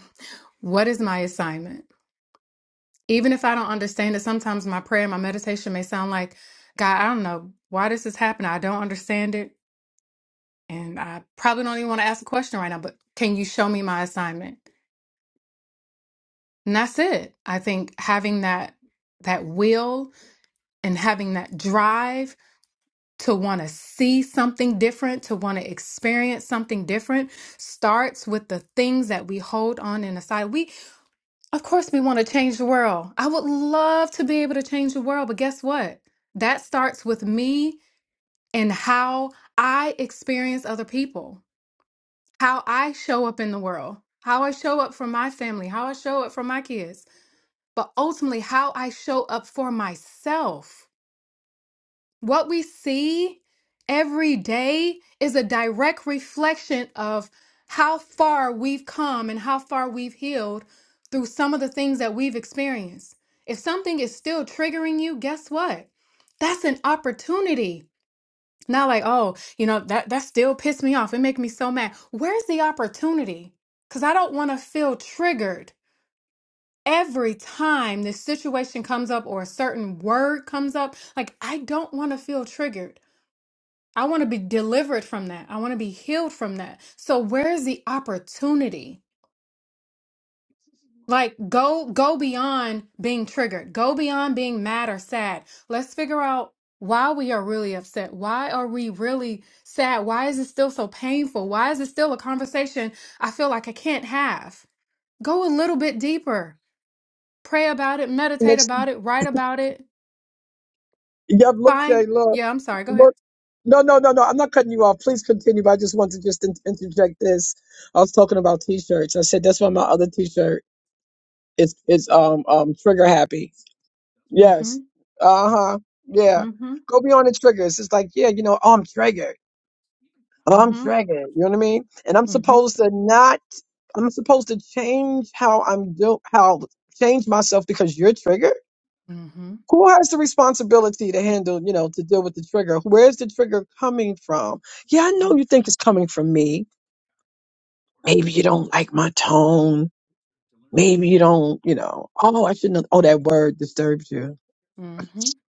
what is my assignment? Even if I don't understand it, sometimes my prayer and my meditation may sound like, God, I don't know why this is happening. I don't understand it. And I probably don't even want to ask a question right now, but can you show me my assignment? And that's it. I think having that that will and having that drive to want to see something different, to want to experience something different starts with the things that we hold on and aside. We of course we want to change the world. I would love to be able to change the world, but guess what? That starts with me and how I experience other people, how I show up in the world, how I show up for my family, how I show up for my kids but ultimately how I show up for myself. What we see every day is a direct reflection of how far we've come and how far we've healed through some of the things that we've experienced. If something is still triggering you, guess what? That's an opportunity. Not like, oh, you know, that that still pissed me off. It makes me so mad. Where's the opportunity? Cuz I don't want to feel triggered every time this situation comes up or a certain word comes up, like I don't want to feel triggered. I want to be delivered from that. I want to be healed from that. So where's the opportunity? Like go go beyond being triggered. Go beyond being mad or sad. Let's figure out why we are really upset. Why are we really sad? Why is it still so painful? Why is it still a conversation I feel like I can't have? Go a little bit deeper. Pray about it, meditate Next, about it, write about it yep, look, Fine. Shay, look, Yeah, I'm sorry. Go ahead. look. No, no, no, no. I'm not cutting you off. Please continue. But I just want to just in- interject this. I was talking about t-shirts. I said that's why my other t-shirt is is um um trigger happy. Mm-hmm. Yes. Uh huh. Yeah. Mm-hmm. Go beyond the triggers. It's like yeah, you know, oh, I'm triggered. Oh, I'm Mm-hmm. dragging, it, you know what I mean? And I'm Mm-hmm. supposed to not I'm supposed to change how I'm do how change myself because you're triggered? Mm-hmm. Who has the responsibility to handle, you know, to deal with the trigger? Where's the trigger coming from? Yeah, I Mm-hmm. know you think it's coming from me. Maybe you don't like my tone. Maybe you don't, you know, oh, I shouldn't have, oh, that word disturbs you. Mm-hmm.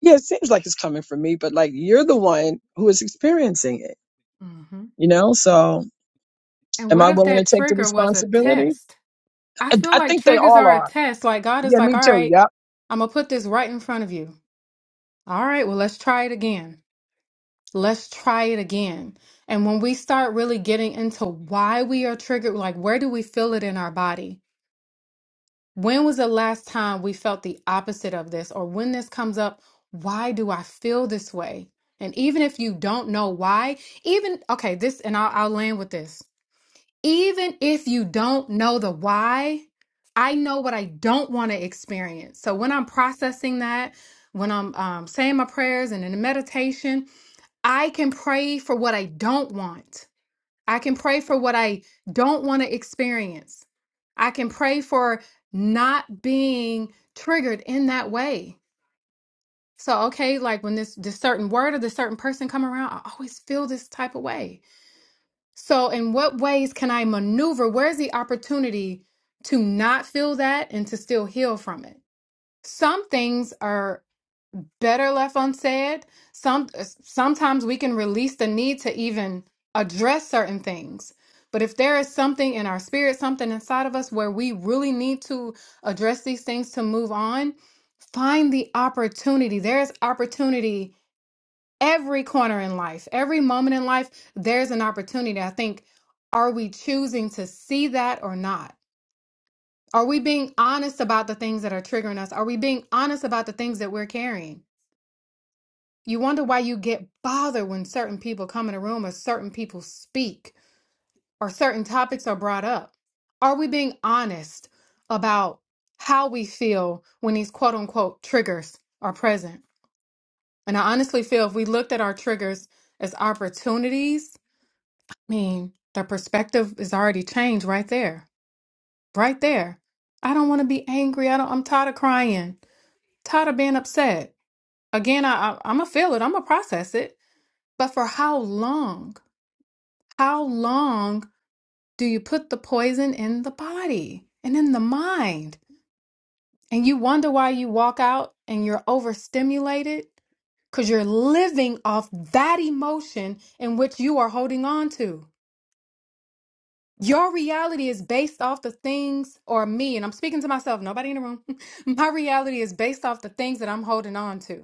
Yeah, it seems like it's coming from me, but like you're the one who is experiencing it, you know? So And am what I if willing to that take the trigger was a responsibility? test? I I feel I like think they triggers all are a are. test. Like God is Yeah, like, me all too. right, Yep. I'm gonna put this right in front of you. All right, well, let's try it again. Let's try it again. And when we start really getting into why we are triggered, like where do we feel it in our body? When was the last time we felt the opposite of this? Or when this comes up, why do I feel this way? And even if you don't know why, even, okay, this, and I'll, I'll land with this. Even if you don't know the why, I know what I don't want to experience. So when I'm processing that, when I'm um, saying my prayers and in the meditation, I can pray for what I don't want. I can pray for what I don't want to experience. I can pray for not being triggered in that way. So, okay, like when this this certain word or this certain person come around, I always feel this type of way. So, in what ways can I maneuver? Where's the opportunity to not feel that and to still heal from it? Some things are better left unsaid. Some sometimes we can release the need to even address certain things. But if there is something in our spirit, something inside of us where we really need to address these things to move on, find the opportunity. There's opportunity every corner in life, every moment in life, there's an opportunity. I think, are we choosing to see that or not? Are we being honest about the things that are triggering us? Are we being honest about the things that we're carrying? You wonder why you get bothered when certain people come in a room or certain people speak or certain topics are brought up. Are we being honest about how we feel when these quote unquote triggers are present? And I honestly feel if we looked at our triggers as opportunities, I mean, the perspective is already changed right there. Right there. I don't want to be angry. I don't I'm tired of crying, tired of being upset. Again, I, I I'm gonna feel it, I'm gonna process it. But for how long? How long do you put the poison in the body and in the mind? And you wonder why you walk out and you're overstimulated because you're living off that emotion in which you are holding on to. Your reality is based off the things, or me, and I'm speaking to myself, nobody in the room. My reality is based off the things that I'm holding on to.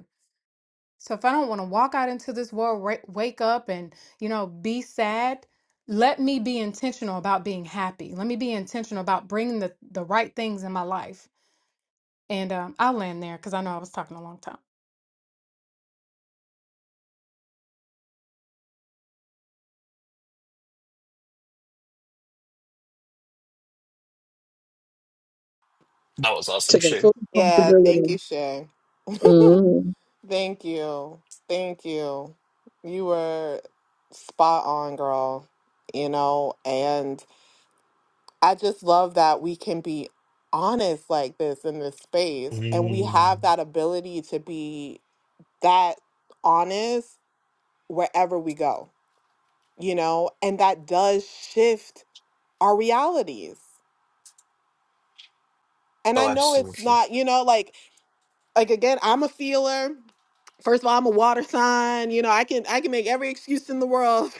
So if I don't want to walk out into this world, wa- wake up and, you know, be sad, let me be intentional about being happy. Let me be intentional about bringing the, the right things in my life. And um, I'll land there because I know I was talking a long time. That was awesome, Taking Shane. full Yeah, thank you, responsibility. Shay. hmm Thank you. Thank you. You were spot on, girl. You know, and I just love that we can be honest like this in this space and we Mm. have that ability to be that honest wherever we go, you know, and that does shift our realities. And I Oh, know it's absolutely. not, you know, like Like again, I'm a feeler. First of all, I'm a water sign. You know, I can I can make every excuse in the world,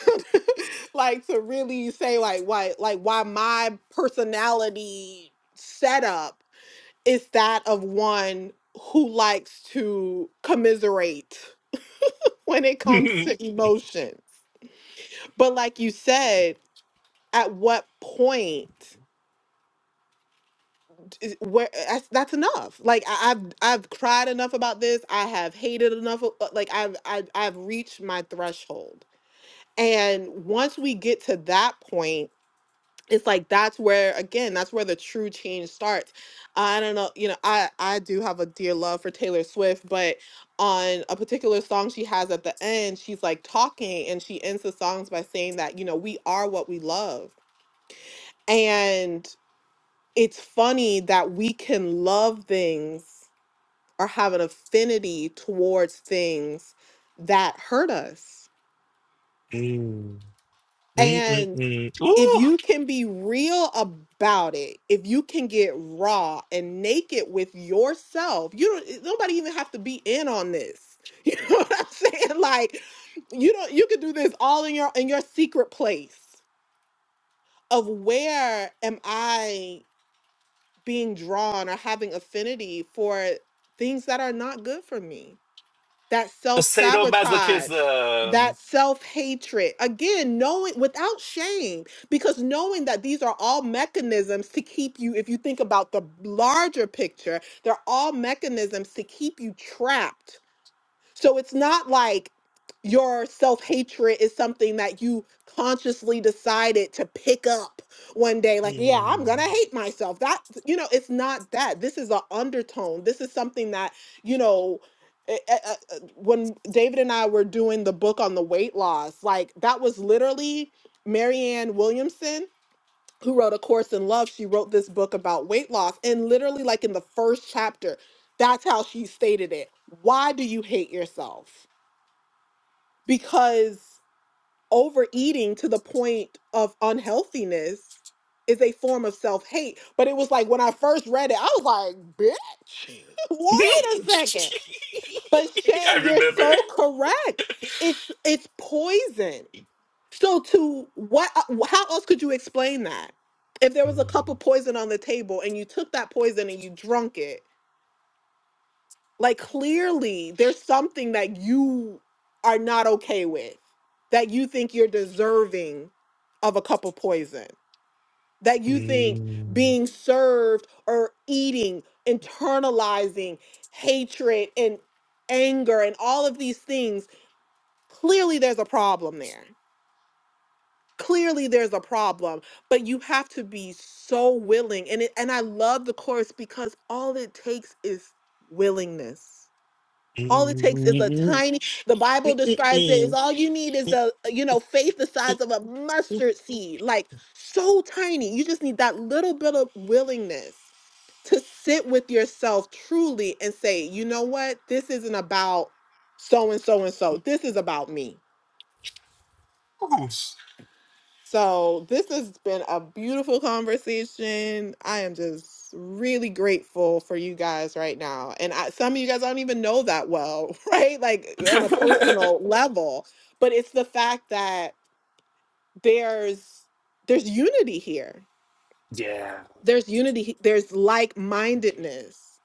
like to really say like why like why my personality setup is that of one who likes to commiserate when it comes to emotions. But like you said, at what point? is- where that's, that's enough like I, i've i've cried enough about this i have hated enough o- uh, like I've, I've i've reached my threshold and once we get to that point it's like that's where again that's where the true change starts i don't know you know i i do have a dear love for taylor swift but on a particular song she has at the end she's like talking and she ends the songs by saying that you know we are what we love and it's funny that we can love things or have an affinity towards things that hurt us. Mm. And Mm-mm-mm. if Ooh, you can be real about it, if you can get raw and naked with yourself, you don't eh, nobody even have to be in on this. You know what I'm saying? Like you don't you could do this all in your in your secret place of where am I being drawn or having affinity for things that are not good for me that self sabotage, sadomasochism. that self hatred. Again, knowing without shame, because knowing that these are all mechanisms to keep you, if you think about the larger picture, they're all mechanisms to keep you trapped so it's not like your self hatred is something that you consciously decided to pick up one day, like, yeah, I'm Mm. gonna hate myself. That, you know, it's not that. This is an undertone. This is something that, you know, eh, eh, eh, eh, when David and I were doing the book on the weight loss, like that was literally Marianne Williamson who wrote A Course in Love, she wrote this book about weight loss. And literally, like in the first chapter, that's how she stated it. Why do you hate yourself? Because overeating to the point of unhealthiness is a form of self hate. But it was like when I first read it, I was like, bitch, wait a second. But Shay, I you're remember. so correct. It's it's poison. So to what how else could you explain that? If there was a Mm. cup of poison on the table and you took that poison and you drunk it, like clearly there's something that you are not okay with that you think you're deserving of a cup of poison. That you think Mhm. Mm. being served or eating, internalizing hatred and anger and all of these things, clearly there's a problem there. clearly there's a problem but you have to be so willing and it, and I love the course because all it takes is willingness all it takes is a Mm. Mm-mm-mm. tiny the bible describes it is Mm-mm-mm. all you need is the you know faith the size of a mustard seed like so tiny you just need that little bit of willingness to sit with yourself truly and say you know what this isn't about so and so and so this is about me Ooh. So this has been a beautiful conversation. I am just really grateful for you guys right now. And I, some of you guys I don't even know that well, right? Like on a personal level, but it's the fact that there's there's unity here. yeah. There's unity, he- there's like-mindedness.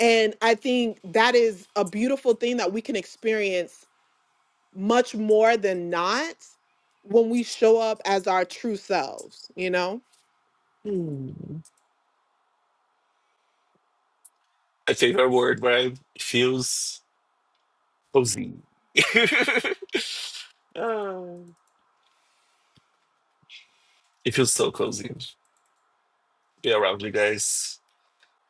And I think that is a beautiful thing that we can experience much more than not when we show up as our true selves, you know? Mm. My favorite word, right? It feels cozy. Oh. it feels so cozy to be around you guys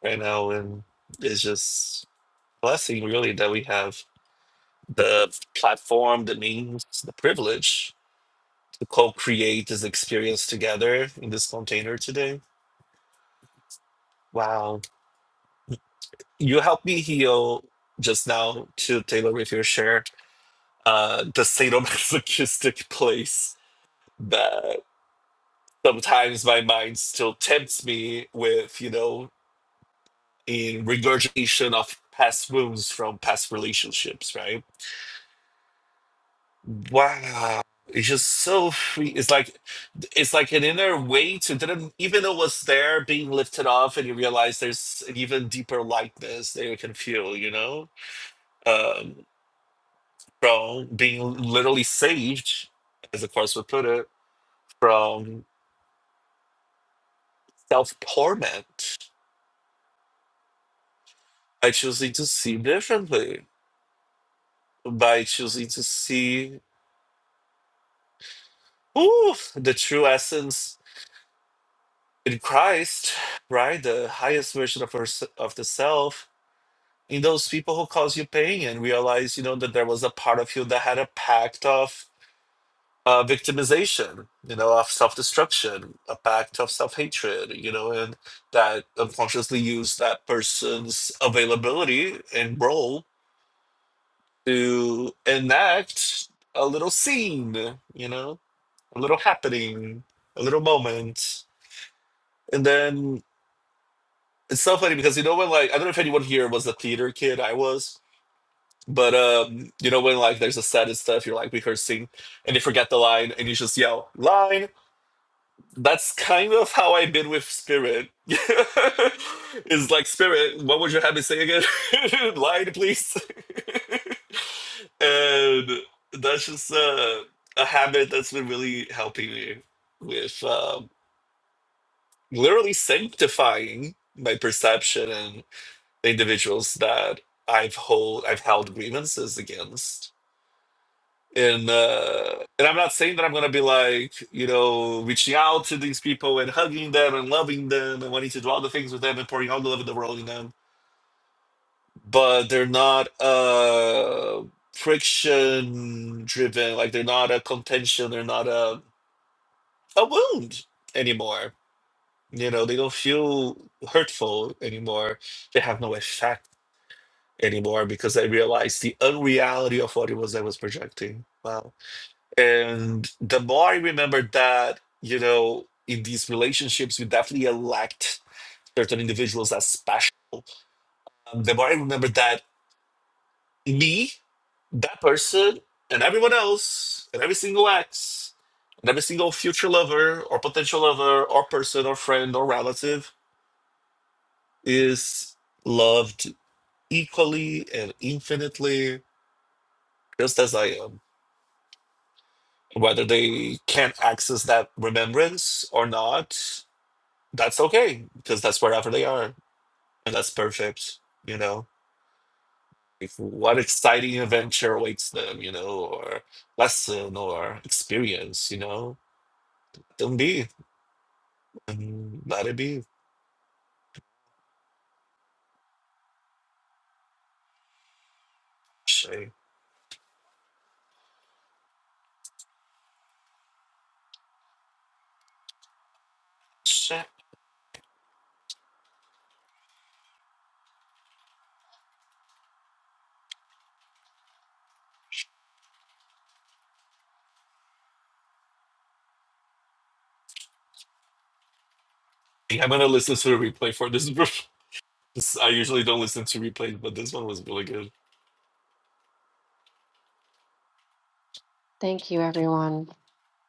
right now. And it's just. blessing really that we have the platform, the means, the privilege to co-create this experience together in this container today. Wow. You helped me heal just now to Taylor with your share, uh, the sadomasochistic place that sometimes my mind still tempts me with, you know, in regurgitation of past wounds from past relationships, right? Wow. It's just so free. It's like it's like an inner weight you didn't even know was there being lifted off and you realize there's an even deeper lightness that you can feel, you know? Um from being literally saved, as the course would put it, from self torment by choosing to see differently, by choosing to see ooh, the true essence in Christ, right? The highest version of her, of the self in those people who cause you pain and realize you know that there was a part of you that had a pact of uh, victimization you know of self-destruction a pact of self-hatred you know and that unconsciously used that person's availability and role to enact a little scene you know a little happening a little moment and then it's so funny because you know when like i don't know if anyone here was a theater kid i was But um, you know when like there's a set and stuff, you're like rehearsing, and they forget the line, and you just yell line. That's kind of how I've been with Spirit. It's like Spirit, what would you have me say again? line, please. and that's just uh, a habit that's been really helping me with um, literally sanctifying my perception and the individuals that I've hold I've held grievances against and uh and i'm not saying that i'm gonna be like you know reaching out to these people and hugging them and loving them and wanting to do all the things with them and pouring all the love in the world in them but they're not uh friction driven like they're not a contention they're not a a wound anymore you know they don't feel hurtful anymore they have no effect anymore because i realized the unreality of what it was i was projecting Wow. And the more I remember that, you know, in these relationships, we definitely elect certain individuals as special. Um, the more I remember that me, that person, and everyone else, and every single ex, and every single future lover or potential lover or person or friend or relative is loved equally and infinitely, just as I am. Whether they can access that remembrance or not, that's okay because that's wherever they are and that's perfect you know if what exciting adventure awaits them you know or lesson or experience you know let them be and let it be Shay. Shay. i'm gonna listen to the replay for this this- i usually don't listen to replays but this one was really good thank you everyone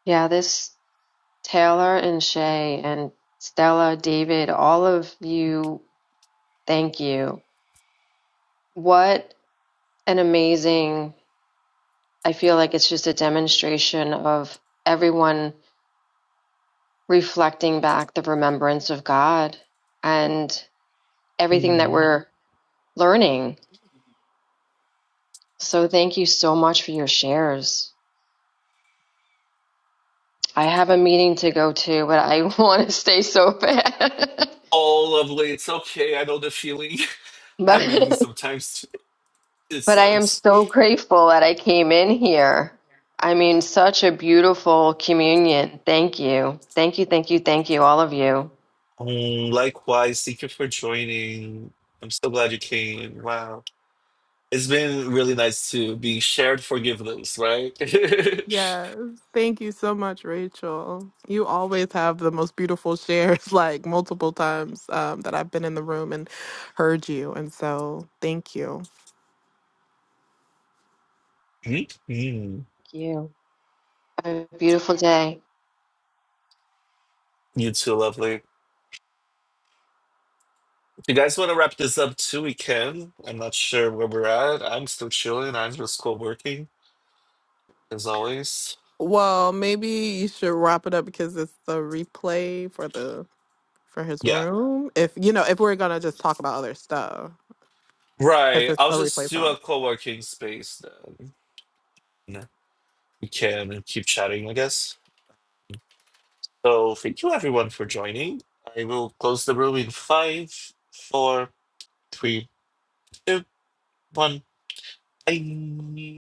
yeah this Taylor and Shay and Stella, David, all of you, thank you. What an amazing, I feel like it's just a demonstration of everyone reflecting back the remembrance of God and everything that Mm. we're learning. So thank you so much for your shares. I have a meeting to go to, but I want to stay so bad. oh lovely it's okay i know the feeling i have but meetings sometimes too. it But I am sucks so grateful that I came in here. I mean, such a beautiful communion. Thank you. Thank you, thank you, thank you, all of you. Um, likewise, thank you for joining. I'm so glad you came. Wow. It's been really nice to be shared forgiveness, right? Yes. Thank you so much, Rachel. You always have the most beautiful shares, like multiple times um, that I've been in the room and heard you. And so thank you. Mhm. Thank you. Have a beautiful day. You too, lovely. If you guys want to wrap this up too, we can. I'm not sure where we're at. I'm still chilling. I'm just co working, as always. Well, maybe you should wrap it up because it's the replay for the for his Yeah. room. If you know, if we're gonna just talk about other stuff. because Right. it's I'll a just replay do song. a co working space then. We can keep chatting, I guess. So thank you everyone for joining. I will close the room in five, four, three, two, one. Bye.